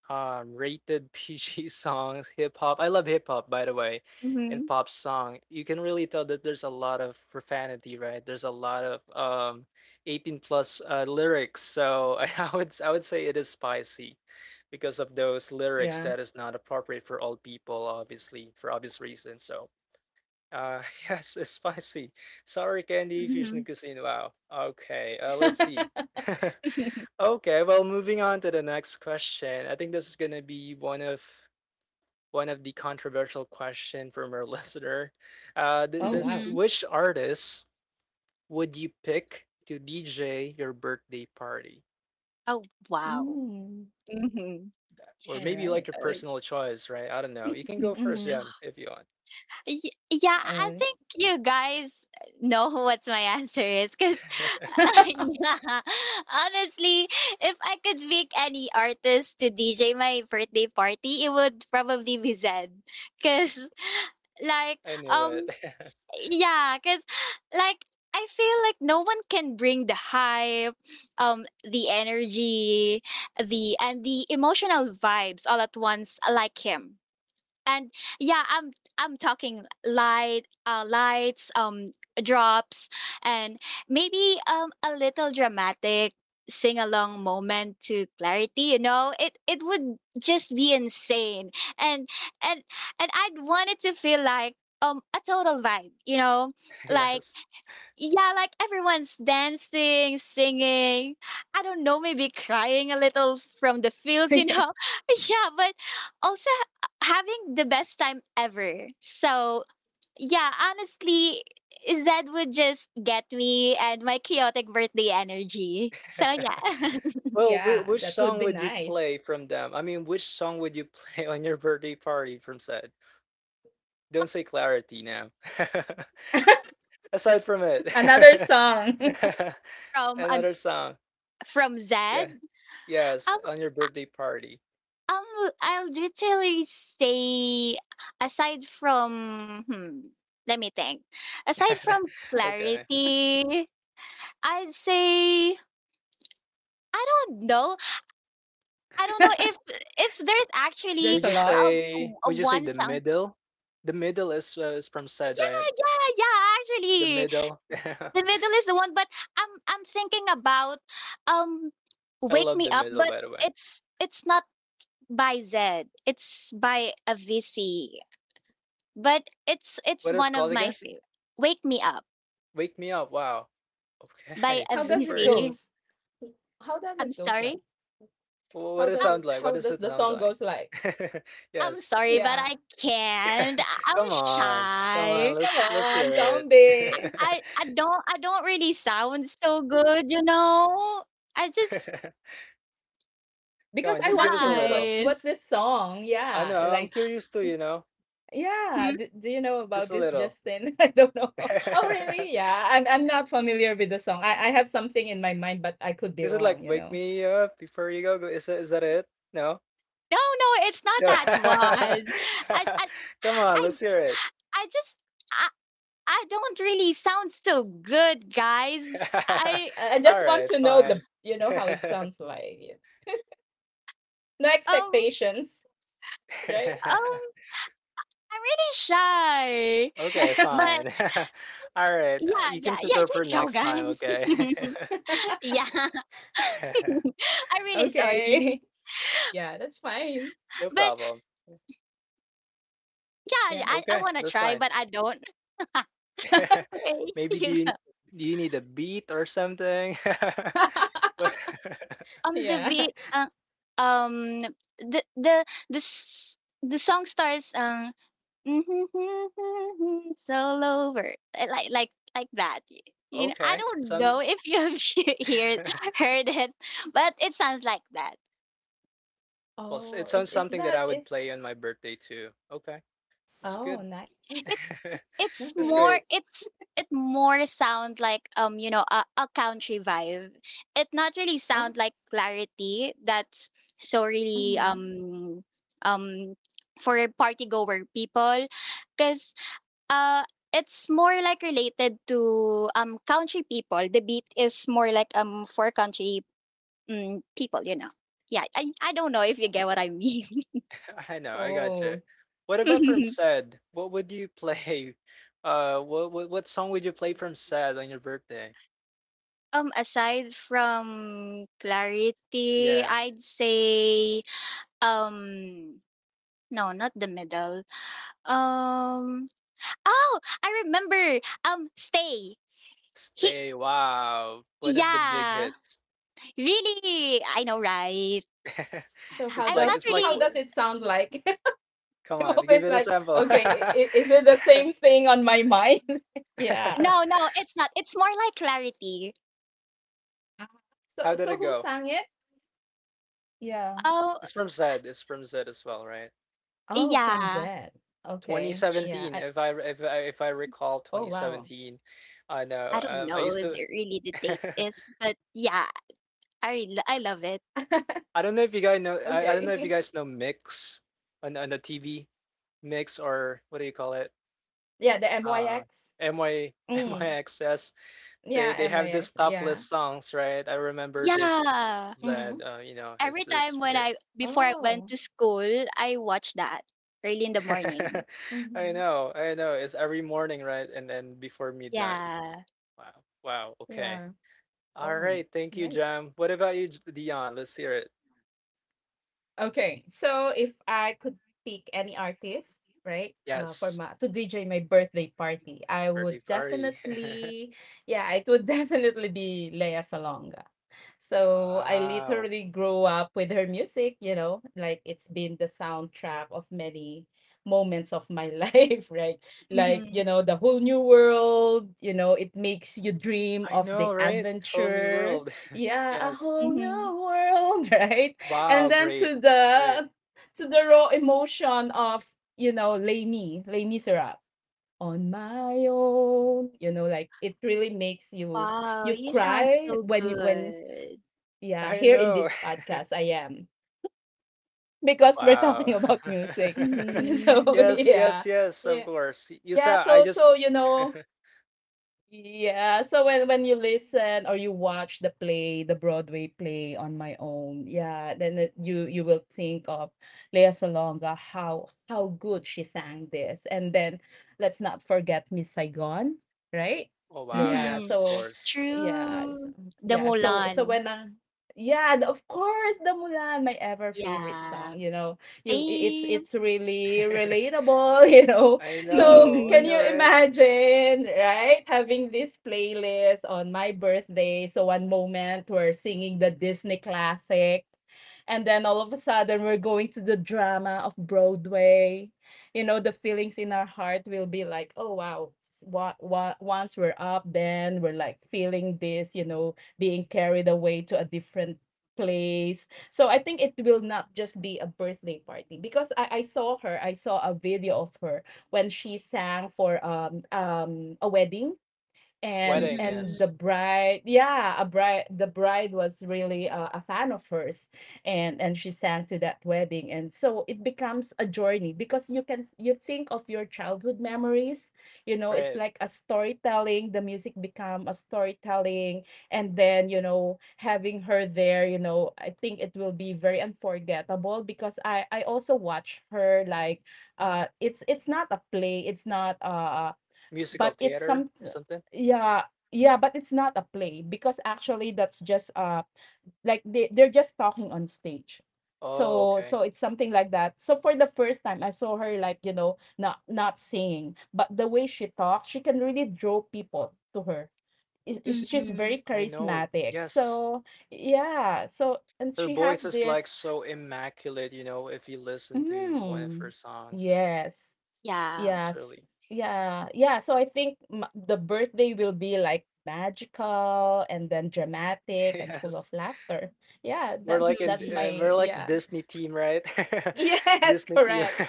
um, rated (laughs) P G songs, hip hop. I love hip hop, by the way, and
Mhm.
pop song. You can really tell that there's a lot of profanity, right? There's a lot of um, eighteen plus uh, lyrics. So (laughs) I would I would say it is spicy because of those lyrics
yeah.
that is not appropriate for all people, obviously, for obvious reasons. So uh, (laughs) yes, it's spicy. Sorry, candy
Mhm.
fusion cuisine. Wow. Okay, uh, let's see.
(laughs)
(laughs)
(laughs)
Okay, well, moving on to the next question. I think this is gonna be one of one of the controversial question from our (laughs) listener. Uh, th-
Oh,
this is
wow.
Mhm.
which artist would you pick to D J your birthday party?
Oh, wow.
Mm,
Mm-hmm.
Or
all
maybe like your
right.
Okay.
personal choice, right? I don't know. You can go first,
Mm-hmm.
Jem, if you want.
Y- yeah, I
Uh,
think you guys know (laughs) what my answer is because,
(laughs)
(laughs)
(laughs)
yeah, honestly, if I could pick any artist to D J my birthday party, it would probably be Zed. Because, like,
I knew
um,
it.
yeah, because like I feel like no one can bring the hype, um the energy, the and the emotional vibes all at once, like him. And yeah, i'm i'm talking light, uh lights, um drops, and maybe um a little dramatic sing along moment to Clarity, you know it it would just be insane. And and and I'd want it to feel like um a total vibe, you know
(laughs)
like,
Yes.
yeah, like everyone's dancing, singing. I don't know, maybe crying a little from the fields, you know?
yeah.
(laughs) Yeah, but also h- having the best time ever. So, yeah, honestly, is that would just get me and my chaotic birthday energy. So, yeah,
Well, whi
Yeah, that
which
would be
song would you
nice.
play from them? I mean, which song would you (laughs) play on your birthday party from said? Don't say Clarity now. (laughs) Aside from it.
(laughs) Another song.
(laughs)
(laughs) from um,
Another song.
from Zed.
Yeah. Yes,
Um,
on your birthday party.
Um, I'll literally say aside from hmm, let me think. Aside
(laughs)
from
Okay.
Clarity, I'd say I don't know. I don't know if if there's
(laughs)
actually
Would
There's a
you
lot.
um
say
w-
would you say
one
The
song.
Middle? The Middle is, uh, is from said,
Yeah,
right?
yeah, yeah.
The
Actually,
Middle.
The
(laughs)
Middle is the one. But I'm I'm thinking about um
I
Wake
love
Me
The
Up.
Middle,
But
by the way.
it's it's not by Zed. It's by Avicii. But it's it's
What is it
one of
called
my
again?
favorite. Wake Me Up
Wake Me Up. Wow.
by
Okay.
How does
(laughs)
it
For
Avicii.
goes? How does
I'm
it goes like?
sorry.
Wh- What
How
does it
does
Uh,
sound
it
like? What
how
does
does
it
the
sound
song
like?
goes like?
(laughs)
I'm
Yes.
sorry, but
Yeah.
I can't.
(laughs)
I- I'm
Come on. Come
Oh,
on,
shy.
come
let's let's hear
on,
it.
don't be.
I I don't I don't really sound so good, you know. I just
(laughs) Come
Because
on,
I
just give
want
us
to
a
know what
little.
guys.
what's this song?
I
Yeah,
know, I'm
like
curious too, you know.
yeah,
Hmm?
d do you know
Just
about
a
this,
little.
Justin? (laughs) I don't know. (laughs) Oh, really?
(laughs)
Yeah, I'm I'm not familiar with the song. I I have something in my mind, but I could be
Is it
wrong,
like
you
wake
know.
me up before you go, go? Is that, is that it? No?
No, no, it's not
No.
that
And
one. I I
(laughs) Come on,
I
let's hear it.
I just I I don't really sound so good, guys.
(laughs)
I
I I
All
just want
right,
to know, the,
fine.
you know, how it sounds like. Yeah. No
um
expectations, right?
um
(laughs)
I'm really shy.
Okay,
But
fine. (laughs) Alright, uh,
yeah,
you can
yeah, yeah,
prepare for
good job,
next time,
guys.
okay?
(laughs) Yeah, (laughs)
(laughs)
I'm really sorry,
Okay. (laughs) Yeah, that's fine.
No
but
problem.
yeah,
Yeah.
I I
Okay,
wanna
that's
try,
fine.
but I don't. (laughs)
(laughs)
Okay,
Maybe do
you
you
go.
do you need a beat or something? (laughs)
(laughs)
But (laughs)
Um, the
Yeah.
beat, uh, um, the the the s- the song starts, um, (laughs) it's all over, uh, like like like that. y- You know, I
okay,
don't
some
know if you have (laughs) heard
(laughs)
heard it, but it sounds like that.
well, s-
Oh,
it
is
sounds
is
something
that
that I
is
would play on my birthday too. Okay, that's
oh,
good.
nice.
(laughs)
Okay.
It's
That's
more
great.
it's, it more sound like um you know a, a country vibe. It not really
Ah,
sound like Clarity. That's so really
mhm.
um um for party goer people because uh it's more like related to um country people. The beat is more like um for country mm people, you know yeah. I i don't know if you get what I mean.
(laughs) I know, I gotcha.
Oh.
What about from
(laughs)
Sad? What would you play? (laughs) Uh, what what what song would you play from Sad on your birthday?
Um, aside from Clarity,
Yeah.
I'd say um no, not The Middle. Um oh, I remember. Um stay. He
Stay. Wow. One of the big
Yeah.
hits.
Really? I know, right.
(laughs)
s- So how
It's
I'm
like
not
it's
does
like
how
really
w
does it sound like? (laughs)
Come
(laughs) I'm
on, give
always
it a
like,
sample. (laughs)
okay, I- I- is it the same thing on my mind? (laughs) yeah.
No, no, it's not. It's more like Clarity.
Ah, so
How did
so
it
who
go?
sang it? Yeah.
Oh,
It's from Zed. It's from Zed as well, right?
Oh, from
yeah.
Zed. Okay. Yeah.
twenty seventeen,
I,
if I re- if I if I
oh,
recall
wow.
twenty seventeen. I know.
I don't
Uh, I
know
used to
the- really the date
(laughs)
is, but yeah, I l- I love it.
(laughs)
I don't know if you guys know I,
okay.
I don't know
(laughs)
if you guys know Mix on on the T V. Mix or what do you call it?
Yeah, the
Uh,
M Y X.
M Y
Mm.
M Y X S. (laughs)
Yeah,
They they have
M I X.
this
Yeah.
topless songs, right? I remember this
Yeah.
Hmm.
Zed, uh, you know,
Every
it's it's
time when
great.
I before I
Oh.
went to school, I watched that early in the morning.
(laughs)
Hmm.
I know, I know. It's every morning, right? And then before midnight.
Yeah.
Wow. Wow. Okay.
Yeah.
All
Oh,
right. Thank you,
nice.
Jam. What about you, J- Dion? Let's hear it.
Okay, so if I could pick any artist, right, uh, for
Yes.
my to D J my birthday party, I would
Birthday party. (laughs)
definitely, yeah, it would (laughs) definitely be Lea Salonga. So I
Wow.
literally grew up with her music, you know, like it's been the soundtrack of many moments of my (laughs) life, right? Like, you
Mhm,
know, the whole new world, you know, it makes you dream
I
of the
know, right? Whole new
adventure.
world. (laughs)
Yeah, a
Yes.
whole
mhm.
new world, (laughs) right?
Wow.
And then
Great.
to
Great.
the to the raw emotion of, you know, Les Me, Les Miserables, on my own, you know, like it really makes you
Wow,
you
you sound
cry
so
when you, when
good.
yeah,
I
here in
know.
this podcast I am because we're (laughs)
Wow.
talking about music. (laughs)
(laughs)
So
Mhm.
Yes, yes,
yeah.
yes, of
Yeah,
course. Y- You
yeah,
saw, I
so
just,
so you know,
(laughs)
yeah, so when when you listen or you watch the play, the Broadway play On My Own, yeah, then it, you you will think of Lea Salonga, how how good she sang this, and then let's not forget Miss Saigon, right?
oh wow,
Yeah,
yes,
Mhm.
of
so
course.
yeah, s-
True. The
yeah, so so
Mulan.
when I, yeah, the, of course, the Mulan, my ever favorite
Yeah.
song, you know, you I- it's
Same.
it's really
(laughs)
relatable, (laughs) you know,
I
so
know, I
can you
know,
(laughs)
right?
imagine, right? Having this playlist on my birthday. So one moment we're singing the Disney classic. And then all of a sudden we're going to the drama of Broadway. You know, the feelings in our heart will be like, oh wow. What, what, once we're up, then we're like feeling this, you know, being carried away to a different place. So I think it will not just be a birthday party because I, I saw her, I saw a video of her when she sang for um um a wedding, and
Wedding,
and
Mhm,
the
yes,
bride, yeah, a bride, the bride was really a, a fan of hers, and and she sang to that wedding, and so it becomes a journey because you can you think of your childhood memories. You know, it's
right.
like a storytelling, the music become a storytelling. And then, you know, having her there, you know, I think it will be very unforgettable because i i also watch her like, uh it's it's not a play, it's not uh
Musical
but it's
theater
some,
or something.
yeah, yeah, but it's not a play because actually that's just uh like they they're just talking on stage.
Oh,
So
okay.
so it's something like that. So for the first time I saw her like, you know, not not singing, but the way she talks, she can really draw people to her. Is- is- She's
mhm.
very
I know.
charismatic.
Yes.
So yeah, so and
Her
she has
voice is
this
like so immaculate, you know, if you listen to one of
mm,
her songs, it's
yes.
Yeah.
it's
Yes.
really
Yeah. Yeah. So I think m the birthday will be like magical and then
(laughs)
dramatic and full of
yes.
laughter. Yeah,
We're
that's
like in
that's
Mhm,
uh,
my
we're like
yeah.
Disney team, right?
(laughs)
(laughs)
Yes,
Disney team.
correct.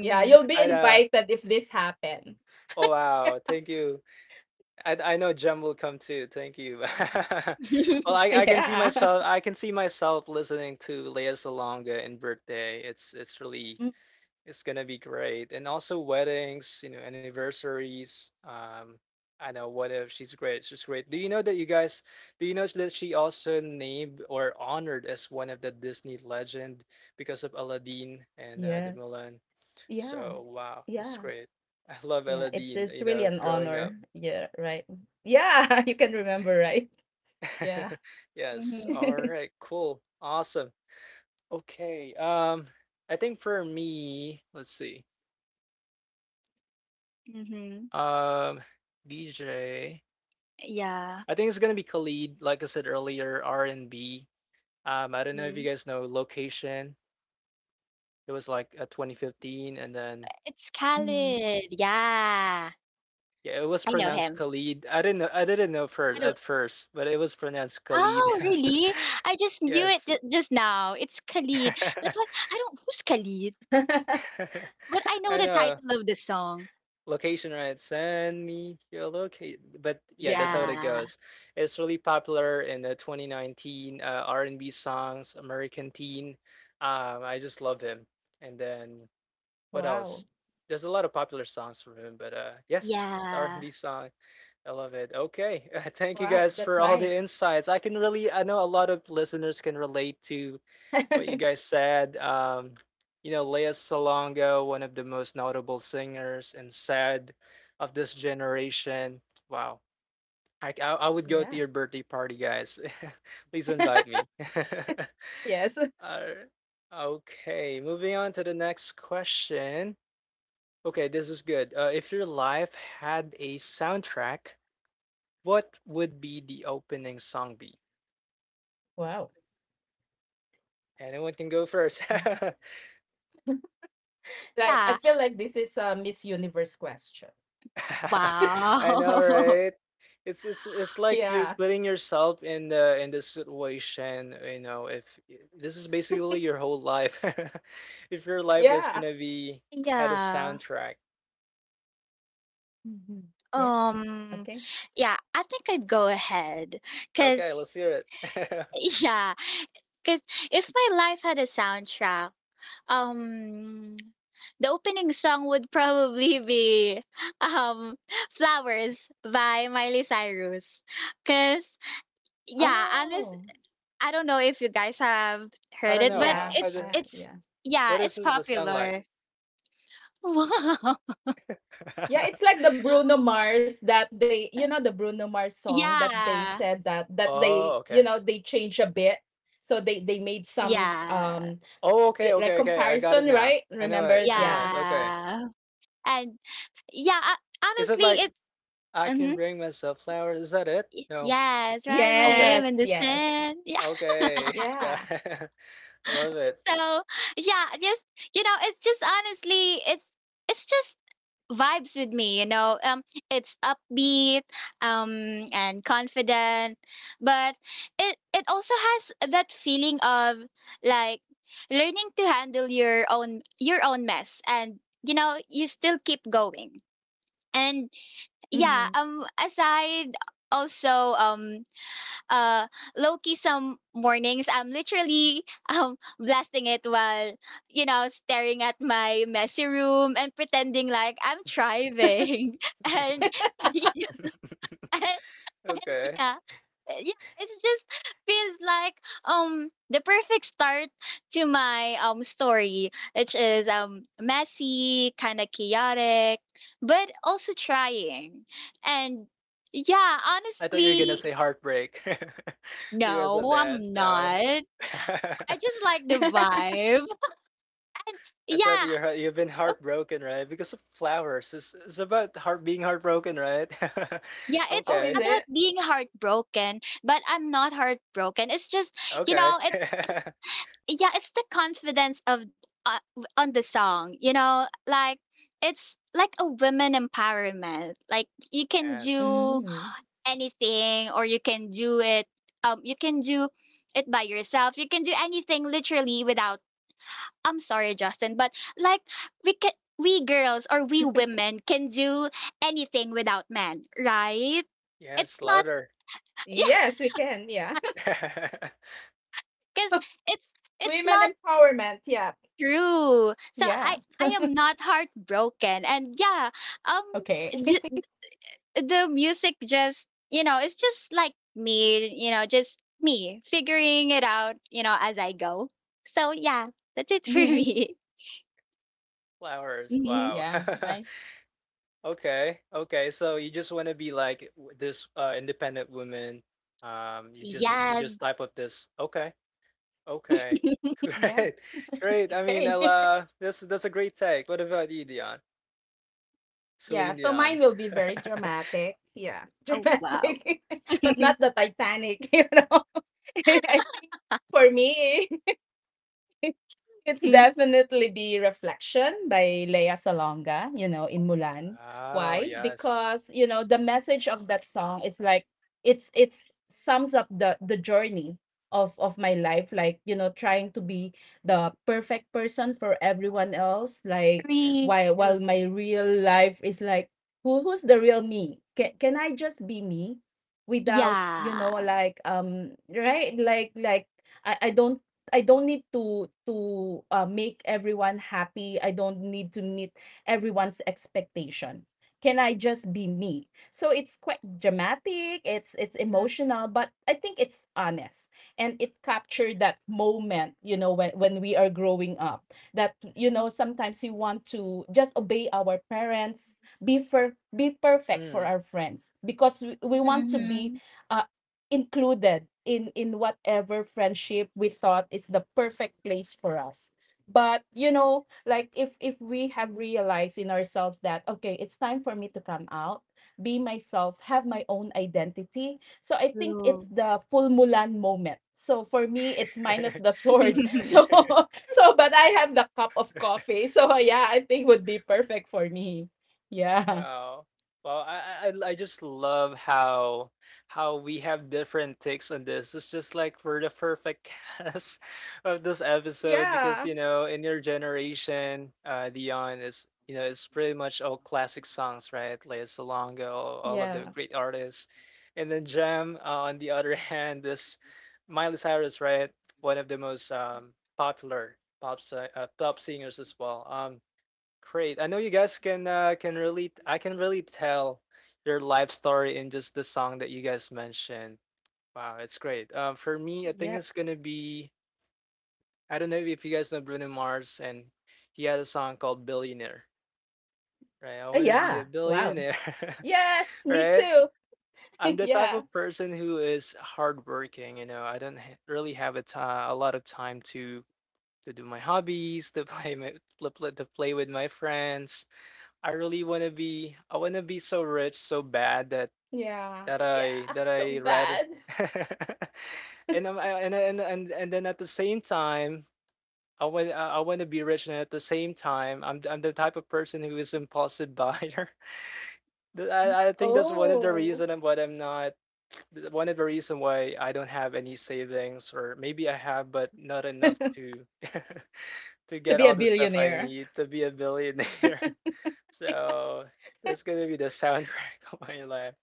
Yeah, you'll be
I know.
invited if this happen.
Oh wow, thank you. I I know Jem will come too. Thank you. (laughs) Well,
(laughs)
(laughs)
I, I can see
Yeah.
myself I can see myself listening to Lea Salonga in birthday. It's it's really
Mm,
it's gonna be great. And also weddings, you know, anniversaries. Um I know what if she's great. She's great. Do you know that you guys do you know that she also named or honored as one of the Disney legend because of Aladdin and uh, the
yes.
Mulan?
Yeah.
So wow,
Yeah.
that's great. I love
Yeah. It's
Aladdin,
it's
you
really
know,
an
growing up.
honor. Yeah, right. Yeah, (laughs) you can remember, right? Yeah.
(laughs) Yes.
Mhm,
All right,
(laughs)
cool. Awesome. Okay. Um, I think for me, let's see.
mhm.
Um, D J.
Yeah.
I think it's gonna be Khalid, like I said earlier, R and B. Um, I don't know if you
Mhm.
guys know Location. It was like uh, twenty fifteen, and then
It's
Mhm.
Khalid. Yeah.
yeah, it was
I know
pronounced
him.
Khalid. I didn't know. I didn't know
I
first
don't.
at first, but it was pronounced Khalid.
Oh, really?
(laughs)
I just knew it
Yes.
ju just now. It's Khalid. That's why
(laughs)
I don't who's Khalid?
(laughs)
(laughs)
But I know
I
the
know.
title of the song.
Location, right? Send me your location. But yeah, that's
Yeah.
how it
Yeah.
goes. It's really popular in the twenty nineteen uh, R and B songs, American Teen. Um, I just love him. And then what
Wow.
else? There's a lot of popular songs from him, but uh, yes, it's
Yeah.
R and B song. I love it. Okay, (laughs) thank you
Wow,
guys
that's
for all the
nice.
insights. I can really, I know a lot of listeners can relate to what you
(laughs)
guys said. Um, you know, Lea Salonga, one of the most notable singers and sad of this generation. Wow. I, I, I would go to your
Yeah.
birthday party, guys. (laughs) Please invite me.
Yes.
(laughs)
(laughs)
Alright. Okay, moving on to the next question. Okay, this is good. Uh, if your life had a soundtrack, what would be the opening song be?
Wow.
Anyone can go first.
Mhm.
(laughs)
Like
Yeah.
I feel like this is a Miss Universe question. (laughs)
(laughs) I know,
Wow. (laughs)
right? It's it's it's like you
Yeah.
putting yourself in the in the situation, you know, if this is basically your whole life. (laughs) If your life is
Yeah.
gonna be had a
Yeah.
soundtrack.
Mhm. Yeah.
Um,
Okay.
yeah, I think I'd go ahead.
Okay,
Cause
let's hear it. (laughs)
(laughs) yeah. Cause if my life had a soundtrack, Um, the opening song would probably be um Flowers by Miley Cyrus. Cause yeah, honest
Oh.
I don't know if you guys have
I
heard
don't
it,
know.
but
How
Yeah.
how
it's
the
Uh,
it's
yeah.
yeah,
what is
it's
it the sound like?
popular. (laughs) Wow.
Yeah, it's
(laughs)
like the Bruno Mars that they, you know, the Bruno Mars song that they
Yeah.
said that that they,
Oh,
you
okay.
know, they change a bit. So they they made some
Yeah.
um
Oh, okay,
li- like
okay, okay. I got it
comparison,
now.
right?
I know it.
Remember?
I know it.
Yeah.
Okay.
Yeah. And yeah, uh,
Is it
honestly it
like I can
mhm.
bring myself flowers? Is that it?
Y-
No.
Yes, write my name
Okay.
in
Yes,
the
yes.
sand. Yeah.
Okay. (laughs) Got
Yeah.
I love it.
So yeah, yes, you know, it's just honestly, it's it's just vibes with me, you know. Um, it's upbeat, um, and confident, but it it also has that feeling of like learning to handle your own your own mess, and you know, you still keep going. And yeah,
Hmm.
um, aside also um uh low key some mornings I'm literally (laughs) um blasting it while you know staring at my messy room and pretending like I'm thriving (laughs) and,
(laughs)
(laughs) and, and
Okay.
yeah uh, yeah. It just feels like um the perfect start to my um story, which is um messy, kind of chaotic but also trying. And yeah,
I thought you were gonna
honestly
say heartbreak (laughs) because of
no,
that.
I'm
No.
not.
(laughs)
I
I
just like the
(laughs)
vibe. And
thought
yeah,
you're heart- you've been
oh,
heartbroken, right? Because of flowers. It's, it's about heart being heartbroken, right?
yeah,
(laughs)
it's
Oh,
Okay.
is
about
it?
being heartbroken, but I'm not heartbroken. It's just, you
Okay.
know, it's
(laughs)
yeah, it's the confidence of uh, w- on the song, you know, like it's like a women empowerment. Like you can do
Yes.
Mm.
anything or you can do it um you can do it by yourself. You can do anything literally without I'm sorry, Justin, but like we can, we girls or we women can do anything without men, right? It's
Yes,
not,
louder.
(laughs) yeah,
Yes, we can. Yeah.
(laughs)
because it's
(laughs)
it's
Women
not
empowerment. Yeah.
true. So I
Yeah.
I am not heartbroken, and yeah, um,
Okay.
j- the music just you know it's just like me, you know, just me figuring it out, you know, as I go. So yeah, that's
(laughs)
it for
Hmm.
me. (laughs)
Flowers.
Mhm.
Wow.
Yeah.
(laughs)
Nice.
Okay. Okay. So you just want to be like w- this uh, independent woman. Um, you just you
Yes.
just type up this. Okay. Okay.
(laughs)
(laughs)
Yeah.
Great. Great. I mean,
Okay. (laughs)
Ella, this that's a great take. What about you, Dion?
yeah.
Celine
So mine
Dion.
will be very
(laughs)
dramatic. Yeah. (laughs)
Oh wow.
Dramatic, (laughs) but
(laughs)
not the Titanic, (laughs) you know? (laughs) I think for me. (laughs) It's definitely be "Reflection" by Lea Salonga, you know, in Mulan.
Oh
Why?
yes.
Because, you know, the message of that song, it's like it's it's sums up the the journey of of my life, like, you know, trying to be the perfect person for everyone else, like,
Real.
while while my real life is like, who who's the real me? Can can I just be me without, you
Yeah.
know, like, um, right? Like like I I don't I don't need to to uh, make everyone happy. I don't need to meet everyone's expectation. Can I just be me? So it's quite dramatic. It's it's emotional, but I think it's honest and it captured that moment. You know, when when we are growing up, that you know sometimes you want to just obey our parents, be for be perfect for
Mm.
our friends because we, we want to be
Mhm.
uh, included in in whatever friendship we thought is the perfect place for us. But you know, like, if if we have realized in ourselves that okay, it's time for me to come out, be myself, have my own identity. So I think it's
True.
the full Mulan moment. So for me it's minus the
(laughs)
sword (laughs)
(laughs)
so
Okay.
so but I have the cup of coffee. So yeah, I think would be perfect for me. Yeah.
Wow. Well, I, I I just love how how we have different takes on this. It's just like we're the perfect (laughs) cast of this episode
Yeah.
because you know in your generation, uh, Dion is you know it's pretty much all classic songs, right? Like Salonga, all, all of
Yeah.
the great artists, and then Jam uh, on the (laughs) other hand is Miley Cyrus, right? One of the most um popular pop si- uh, pop singers as well. Um, Great. I know you guys can uh, can really I can really tell your life story in just the song that you guys mentioned. Wow, it's great. Um, for me, I think
Yep.
it's gonna be, I don't know if you guys know Bruno Mars, and he had a song called Billionaire, right? I
Uh,
wanna be
yeah,
a
wow.
billionaire,
Yes,
(laughs)
me
right?
too.
I'm
(laughs)
the type
Yeah,
of person who is hardworking. You know, I don't ha- really have a ti- a lot of time to to do my hobbies, to (laughs) play my to play to play with my friends. I really wanna be I wanna be so rich so bad that
yeah,
that I
yeah,
that I
so
rather.
bad.
(laughs) and I'm I, and and and and then at the same time I want I wanna be rich and at the same time I'm I'm the type of person who is impulsive buyer. (laughs) Th- I I think that's one of the
Oh,
reason, and what I'm not th- one of the reason why I don't have any savings, or maybe I have but not
(laughs)
enough
to
to (laughs) to get
be
all
a
the stuff I
billionaire.
need to be a billionaire. So that's gonna be the soundtrack (laughs) of my life.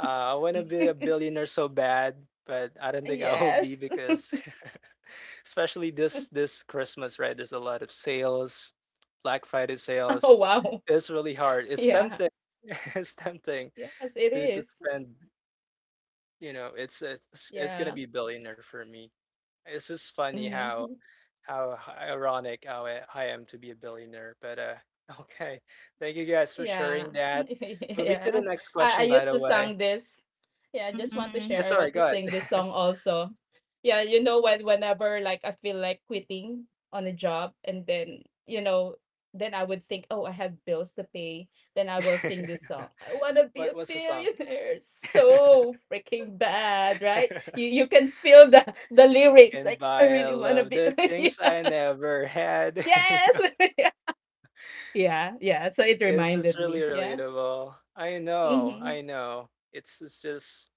Uh, I wanna be a billionaire so bad, but I don't think I will be
Yes. (laughs)
because, (laughs) especially this this Christmas, right? There's a lot of sales, Black Friday sales.
Oh, wow.
It's really hard. It's
Yeah.
tempting. (laughs) it's tempting
Yes, it
to to
is.
spend. You know, it's it's it's gonna
Yeah.
be billionaire for me. It's just funny how
Mhm.
how ironic how I, I am to be a billionaire. But uh, (laughs) okay, thank you guys for
Yeah.
sharing that.
(laughs)
Moving to the
Yeah.
next
I I
question, by
used
the
to
way.
sing this. Yeah, I just want to
Mhm.
Yeah,
share, I
sorry,
want to
go
sing this
ahead.
song also. Yeah, you know, when whenever like I feel like quitting on a job, and then, you know, then I would think, oh, I have bills to pay. Then I will sing this
(laughs)
song. I wanna be
what
a
what's the song?
billionaire
(laughs)
so freaking bad, right? You you can feel the the lyrics
and
like I
buy a
really wanna
love
be
the
(laughs)
things I
yeah.
never had. (laughs) you
Yes.
know,
(laughs) yeah. Yeah. Yeah. So it
is this
reminded
really
me. Yeah.
relatable? I know,
Mm-hmm.
I know. It's it's just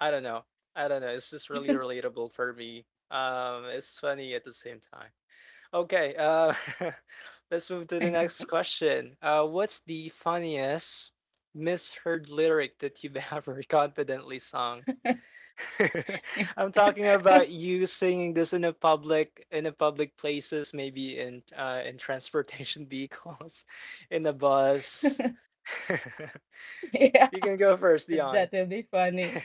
I don't know, I don't know. It's just really relatable for me. Um, it's funny at the same time. Okay, uh, (laughs) let's move to the
(laughs)
next question. Uh, what's the funniest misheard lyric that you've (laughs) ever confidently sung? (laughs) I'm talking about you singing this in a public in a public places, maybe in uh, in transportation vehicles, (laughs) in a bus. (laughs)
Yeah,
You can go first, Dion.
that will be funny.
(laughs)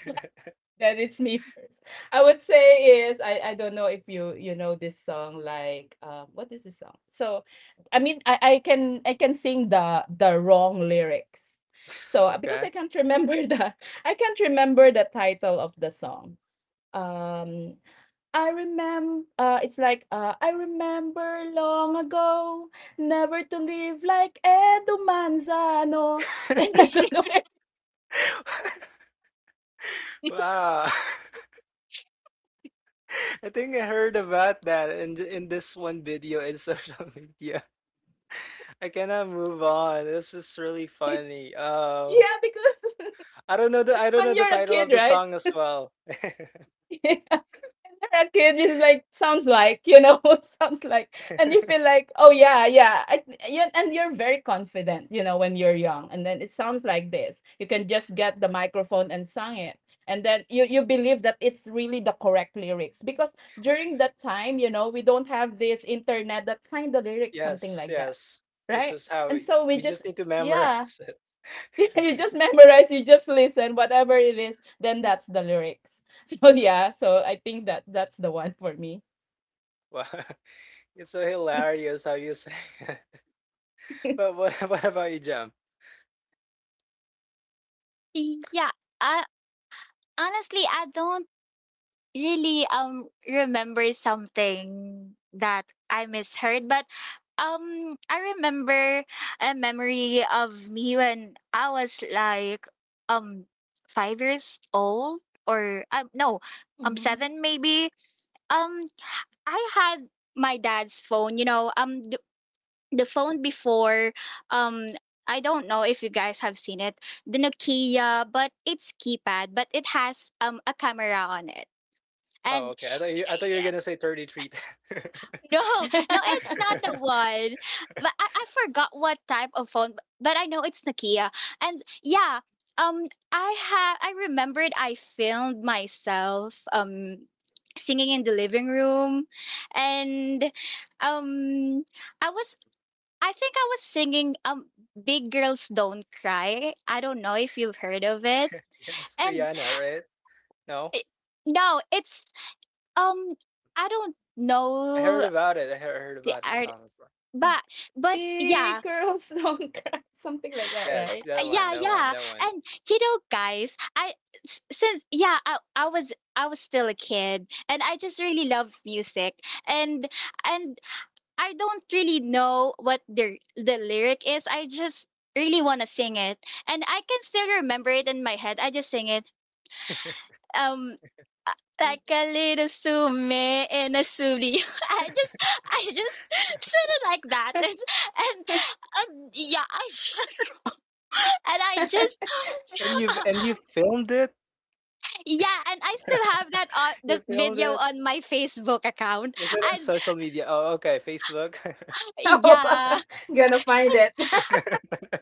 Then it's me first. I would say is I I don't know if you you know this song like um what is this song? So I mean I I can I can sing the the wrong lyrics. So uh, because
Okay.
I can't remember the (laughs) I can't remember the title of the song. Um I remember. Uh, it's like, uh, I remember long ago, never to live like Edo Manzano. (laughs) I don't know.
(laughs) Wow. (laughs) I think I heard about that in th- in this one video in social (laughs) media. I cannot move on. This is really
(laughs)
funny. Uh,
Yeah, because (laughs)
I don't know the I
it's
don't know
when
the
you're a
title of
kid,
the
right?
song as well.
(laughs) (laughs) A kid is like sounds like you know (laughs) sounds like and you feel like oh, yeah, yeah I, yeah, and you're very confident, you know, when you're young, and then it sounds like this you can just get the microphone and sing it, and then you you believe that it's really the correct lyrics because during that time, you know, we don't have this internet that find the lyrics, something
Yes,
like that,
yes. This
right?
is how
And
we,
so we
we
just,
just need to
yeah,
memorize it.
(laughs) you just
(laughs)
memorize, you just listen, whatever it is, then that's the lyrics. (laughs) So yeah, so I think that that's the one for me.
Wow, (laughs) it's so hilarious how you say it.
Hmm.
(laughs) But what what about you, Jam?
Yeah. Uh, honestly, I don't really um remember something that I misheard, but um I remember a memory of me when I was like um five years old or um no um
(laughs)
seven maybe. Um I had my dad's phone, you know, um the phone before um I don't know if you guys have seen it, the Nokia, but it's keypad, but it has um a camera on it.
Oh,
And
okay. I thought you I
(laughs)
thought you were
yeah,
gonna say thirty-three. (laughs)
no, no, it's not the one. But I, I forgot what type of phone, b- but I know it's Nokia. And yeah, um I have I remembered I filmed myself um singing in the living room and um I was I think I was singing um Big Girls Don't Cry. I don't know if you've heard of it.
Yes,
And
Rihanna, right? No,
it, no, it's um I don't
I heard
know
about it. I heard heard
the
about the
art
song as well.
but but yeah.
Big girls don't cry, something like that,
Yes,
right?
that one,
Yeah,
that one,
yeah.
that one.
And you know guys, I s- since yeah, I, I was I was still a kid and I just really love music. And and I don't really know what the the lyric is. I just really want to sing it, and I can still remember it in my head. I just sing it. Um, uh, like a little sume in a suri. (laughs) I just, I just (laughs) said it like that, (laughs) and and,
(laughs)
and yeah, I just (laughs) and I just
And you've
(laughs)
and you filmed it.
yeah, and I still have that on
(laughs) You
the
filmed
video
it.
on my Facebook account,
Isn't it
and
social media? Oh, okay, Facebook.
Oh,
yeah.
(laughs) gonna find it. (laughs)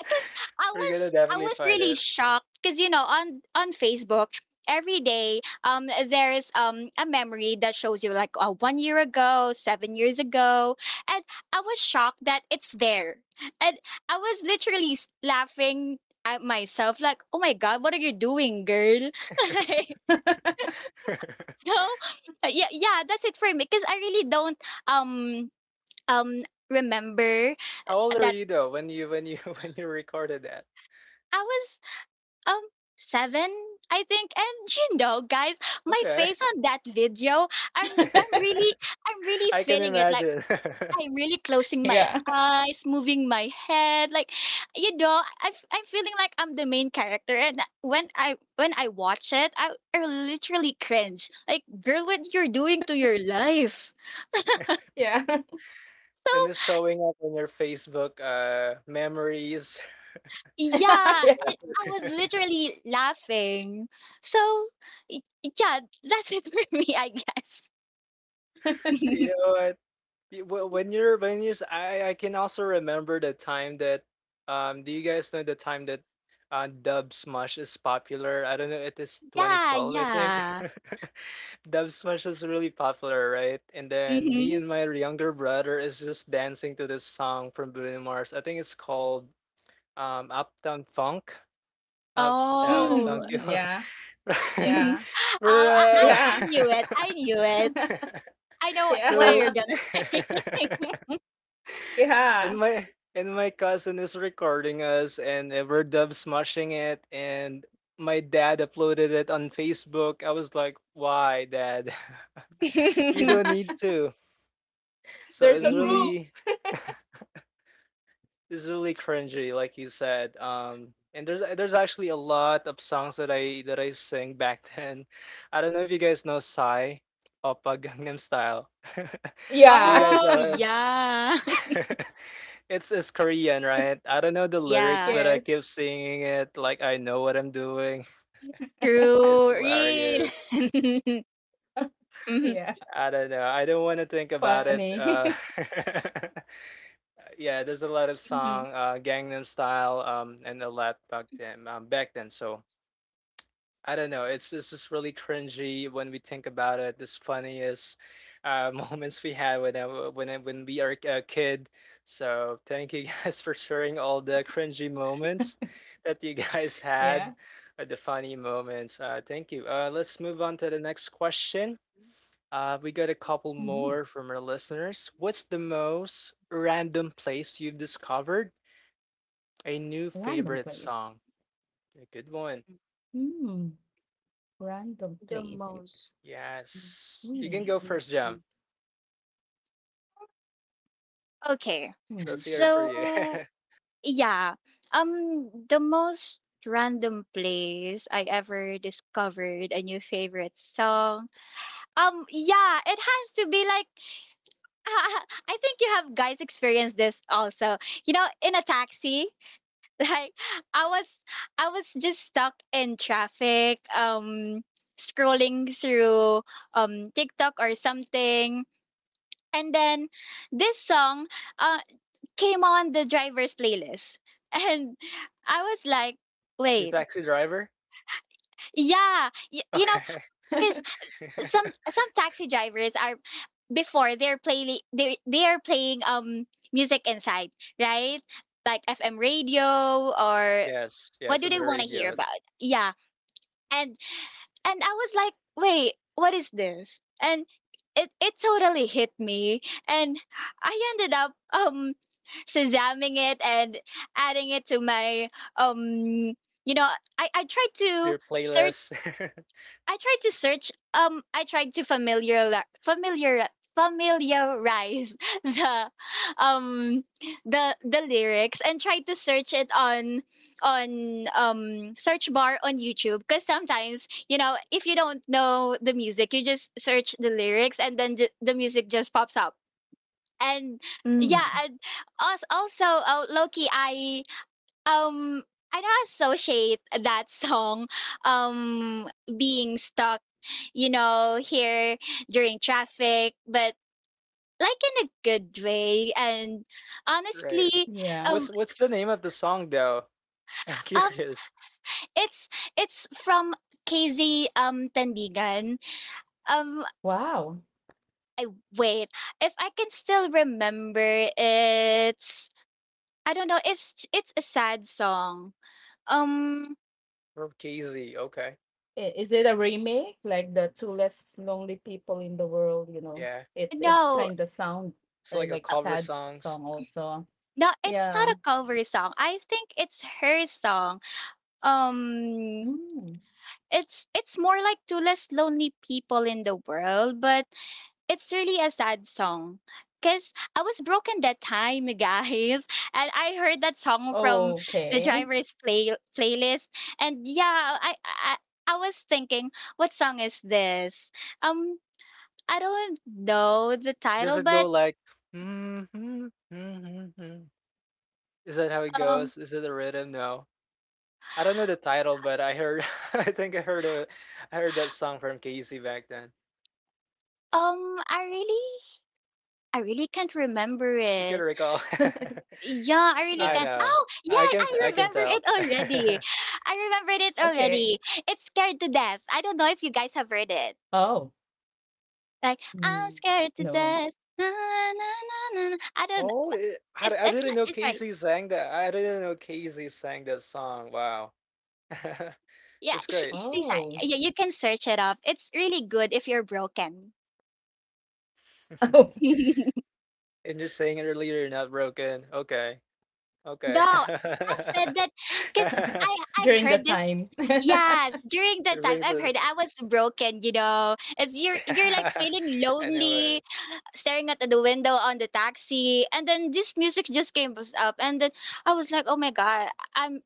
because I
We're
was
gonna
I
definitely
was
find
really
it.
shocked because you know on on Facebook every day um there's um a memory that shows you like uh, one year ago, seven years ago, and I was shocked that it's there, and I was literally s- laughing at myself like oh my god what are you doing girl. (laughs) Like,
(laughs)
so uh, yeah, yeah, that's it for me because I really don't um um remember
How old are
that.
you though when you when you (laughs) when you recorded that?
I was um seven I think, and (laughs) you know guys, my
Okay.
face on that video, i'm
(laughs)
I'm really I'm really
I can
feeling it, like
imagine.
I'm really closing my
Yeah,
eyes, moving my head like you know, I, f- I'm feeling like I'm the main character, and when i when I watch it, i, I literally cringe like girl what you're doing to your life.
(laughs)
yeah,
So
and it's showing up on your Facebook uh memories.
yeah,
(laughs)
it,
yeah,
I was
(laughs)
literally laughing. So y- yeah, that's it for (laughs) me I guess.
you
(laughs)
know what? Y- wh- When you're when you s- I I can also remember the time that um do you guys know the time that uh Dub Smash is popular? I don't know, it is
Yeah,
twenty twelve I think.
yeah.
(laughs) Dub Smash is really popular, right? And then me
Mhm.
and my younger brother is just dancing to this song from Bruno Mars. I think it's called um Uptown Funk. Uptown
Oh.
Funk. (laughs) you
mm, yeah,
Mhm. (gasps)
yeah,
(laughs) Oh, I I
We're,
I
yeah,
knew it,
uh,
I knew it. I know
(laughs)
wh- what you're
so.
yeah,
gonna say.
(laughs)
(laughs)
And
yeah.
my and my cousin is recording us and uh, we're dub smashing it and my dad uploaded it on Facebook. I was like, "Why, dad? (laughs) you don't
(laughs)
need
(laughs)
to." So it's
There's a
Mhm.
proof.
really it's really cringy like you said. Um and there's there's actually a lot of songs that I that I sing back (laughs) then. I don't know if you guys know Psy, Oppa Gangnam Style. (laughs) Do you
Yeah.
guys
Oh,
know
yeah. (laughs)
him? (laughs) It's it's Korean, right? I
(laughs)
don't know the lyrics,
Yeah.
but I
Yes.
keep singing it like I know what I'm doing. (laughs) It's
True, real.
hilarious.
(laughs) Mhm,
Yeah.
I don't know. I don't want to think
It's
about it.
funny.
Uh,
(laughs)
(laughs) yeah, there's a lot of
mhm.
song, uh, Gangnam Style, um, and a lot back then, um, back then. So I don't know. It's it's just really cringy when we think about it. This funniest uh, (laughs) moments we had when I, when I, when we are a kid. So thank you guys (laughs) for sharing all the cringy moments that you (laughs) guys had,
Yeah.
uh, the funny moments. Uh, thank you. Uh, let's move on to the next question. Uh, we got a couple more
Mhm.
from our listeners. What's the most random place you've discovered a new
Random
favorite
place.
song? A good one.
Mm, random
The
place.
most
It's,
Yes, you can
mm,
go first, Jam.
mhm. Okay.
That's
mm,
here for you.
So, yeah, um, the most random place I ever discovered a new favorite song, Um, yeah, it has to be like (laughs) I think you have guys experienced this also. You know, in a taxi, (laughs) like I was I was just stuck in traffic, um scrolling through um TikTok or something. And then this song uh came on the driver's playlist. (laughs) And I was like,
(laughs) Your
wait,
taxi driver?
yeah, y- you know,
Okay.
some
(laughs)
some taxi drivers are before they're playing they they are playing um music inside, right? Like F M radio or
Yes,
what
yes,
do
on
they
the
want to hear
radios.
about? Yeah. And and I was like, "Wait, what is this?" And it it totally hit me and I ended up um shazamming it and adding it to my um you know, I I tried to
Your playlist. (laughs)
I tried to search. Um, I tried to familiar familiar familiarize (laughs) the um the the lyrics and tried to search it on on um search bar on YouTube because sometimes you know if you don't know the music you just search the lyrics and then ju- the music just pops up and yeah
mm.
and als- also uh, Loki I um, I don't associate that song um being stuck, you know, here during traffic, but like in a good way. And
Right.
honestly,
Yeah.
um,
What's what's the name of the song though? (laughs) I'm
um,
curious.
it's it's from K Z um Tandigan. Um,
Wow.
I wait if I can still remember. It's I don't know if it's, it's a sad song. Um,
From K Z, okay.
I- Is it a remake? Like the two less lonely people in the world, you know.
Yeah.
It's it's
no.
kind of sound
It's
uh,
like a
like
cover
sad song
songs.
also.
No, it's
Yeah.
not a cover song. I think it's her song. Um
Mm.
it's it's more like to less lonely people in the world, but it's really a sad song. Cause I was broken that time, guys, (laughs) and I heard that song from the
Okay.
driver's play playlist, and yeah, I I I was thinking, what song is this? Um, I don't know the
Does
title,
it
but
go like mm-hmm, mm-hmm? Is that how it
um
goes? Is it a rhythm? No. I don't know the title, but I heard (laughs) I think I heard a I heard that song from K Z back then.
um I really I really can't remember
You can
it.
recall.
(laughs)
(laughs)
Yeah, I really
Yeah.
I
can.
know.
Oh, yeah,
I can
I
I can
remember it
tell. (laughs)
already. I remembered it
Okay.
already. It's Scared to Death. I don't know if you guys have heard it.
Oh.
Like,
Mm,
I'm scared to
no.
death. Na, na, na, na, na. I don't.
Oh, eh,
It's
I I
it's
didn't
li-
know
it's right.
Casey sang that. I didn't know Casey sang that song. Wow. (laughs)
Yeah,
It's
she,
great.
she's like,
Oh. (laughs)
yeah, you can search it up. It's really good if you're broken.
(laughs)
Oh.
(laughs)
And you're saying it earlier, you're not broken. Okay.
No,
Okay.
I
(laughs)
said that because
(laughs)
I I've
During the
heard this.
time. (laughs)
Yes, during
It
that time
rings
I've
a
heard I was broken. You know, it's you're
(laughs)
you're like feeling
I know
lonely.
it.
Staring at the window on the taxi, and then this music just came us up, and then I was like oh my god, i'm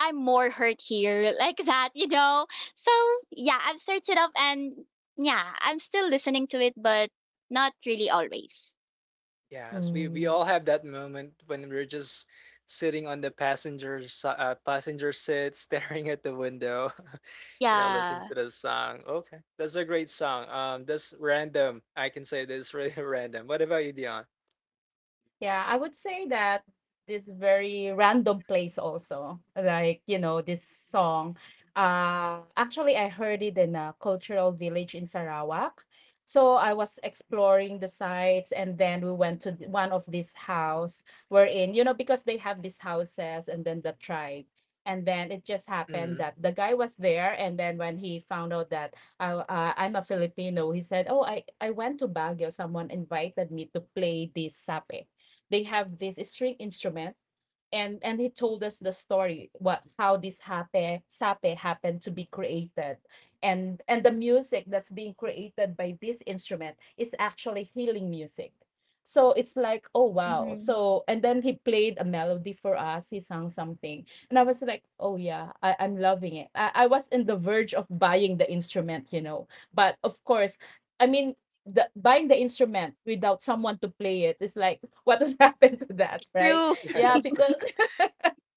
I'm more hurt here (laughs) like that you know. So yeah, I've searched it up, and yeah, I'm still listening to it but not really always.
Yes, we we
Mm.
all have that moment when we're just sitting on the passenger si- uh, passenger seat, (laughs) staring at the window, (laughs) you know, listening
Yeah.
to the song. Okay, that's a great song. Um, that's random. I can say this really (laughs) random. What about you, Dion?
Yeah, I would say that this very random place also, like, you know, this song. Uh, actually, I heard it in a cultural village in Sarawak. So I was exploring the sites, and then we went to th- one of these house we're in, you know, because they have these houses and then the tribe. And then it just happened
Mm,
that the guy was there, and then when he found out that I, uh, I'm a Filipino, he said, "Oh, I I went to Baguio. Someone invited me to play this sape." They have this string instrument, and and he told us the story what how this hape sape happened to be created, and and the music that's being created by this instrument is actually healing music. So it's like, oh wow.
Hmm.
So and then he played a melody for us, he sung something, and I was like, oh yeah, I, I'm loving it. I, I was in the verge of buying the instrument, you know, but of course, I mean, the buying the instrument without someone to play it is like what would (laughs) happen to that, right?
True.
(laughs)
Yeah,
yes. (laughs)
because (laughs)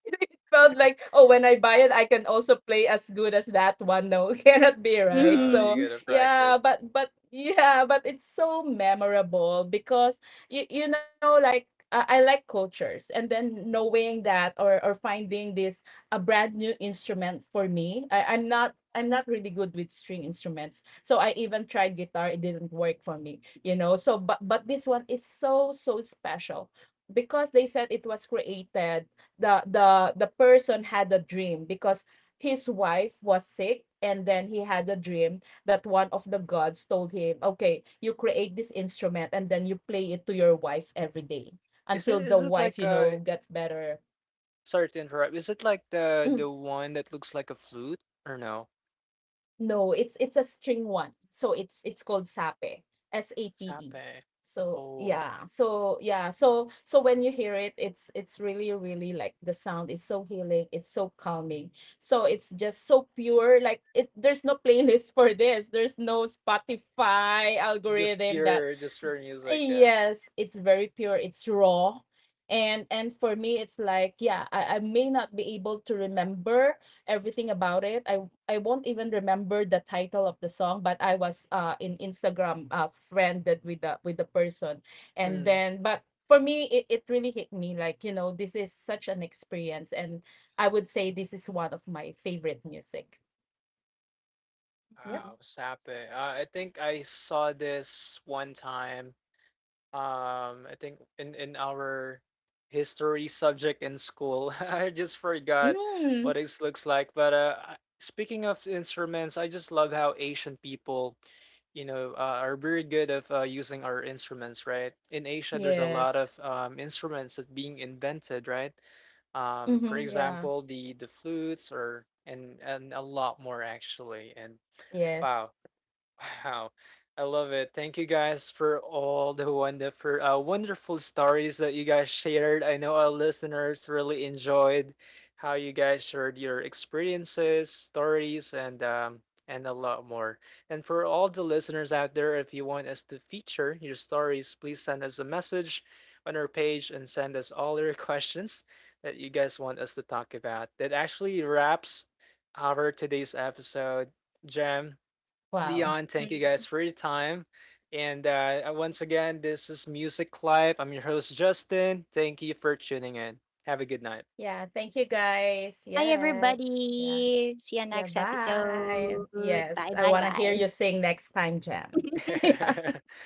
it felt like, oh, when I buy it, I can also play as good as that one. No, (laughs) cannot be
(laughs)
right.
No, you
So
Hmm.
gotta practice.
yeah, but but yeah, but it's so memorable because you you know like. Uh, I like cultures, and then knowing that, or or finding this a brand new instrument for me. I, I'm not I'm not really good with string instruments, so I even tried guitar. It didn't work for me, you know. So, but but this one is so so special because they said it was created, the the the person had a dream because his wife was sick, and then he had a dream that one of the gods told him, okay, you create this instrument and then you play it to your wife every day
Is
until
it
the
is it
wife,
like
you
uh?
know, gets better.
Sorry to interrupt. Is it like the the one that looks like a flute or no?
No, it's it's a string one. So it's it's called sape, S A P E.
Sape.
So
Oh,
yeah,
okay.
so yeah, so so when you hear it, it's it's really really like the sound is so healing, it's so calming. So it's just so pure. Like it, there's no (laughs) playlist for this. There's no Spotify
Just
algorithm that—
pure, just pure music. Yeah.
Yes, it's very pure, it's raw. And and for me it's like, yeah, I, I may not be able to remember everything about it. I I won't even remember the title of the song, but I was uh in Instagram uh friended with the with the person, and
Mm.
then but for me it, it really hit me like, you know, this is such an experience, and I would say this is one of my favorite music. Yep.
Wow, Sape. Uh, I think I saw this one time. Um, I think in in our history subject in school. (laughs) I just forgot
Mm,
what it looks like. But uh, I- speaking of instruments, I just love how Asian people, you know, uh, are very good of uh, using our instruments, right? In Asia, there's a lot
yes.
of um, instruments that being invented, right? um, for
Mm-hmm, yeah.
example, the the flutes or and and a lot more actually. And
Yes.
wow, Wow, I love it. Thank you guys for all the wonderful, uh, wonderful stories that you guys shared. I know our listeners really enjoyed how you guys shared your experiences, stories, and um, and a lot more. And for all the listeners out there, if you want us to feature your stories, please send us a message on our page and send us all your (laughs) questions that you guys want us to talk about. That actually wraps our today's episode. Jam.
Wow.
Dion, thank you guys for your time. And uh, uh, once again, this is Music Live. I'm your host, Justin. Thank you for tuning in. Have a good night.
Yeah. Thank you guys.
Hi,
Yes. Yeah.
everybody. See you
Yeah.
next
Bye.
episode.
Yes. I
Bye,
wanna
bye,
hear you
bye.
sing next time, Jam. (laughs)
(laughs)
Yeah.
(laughs)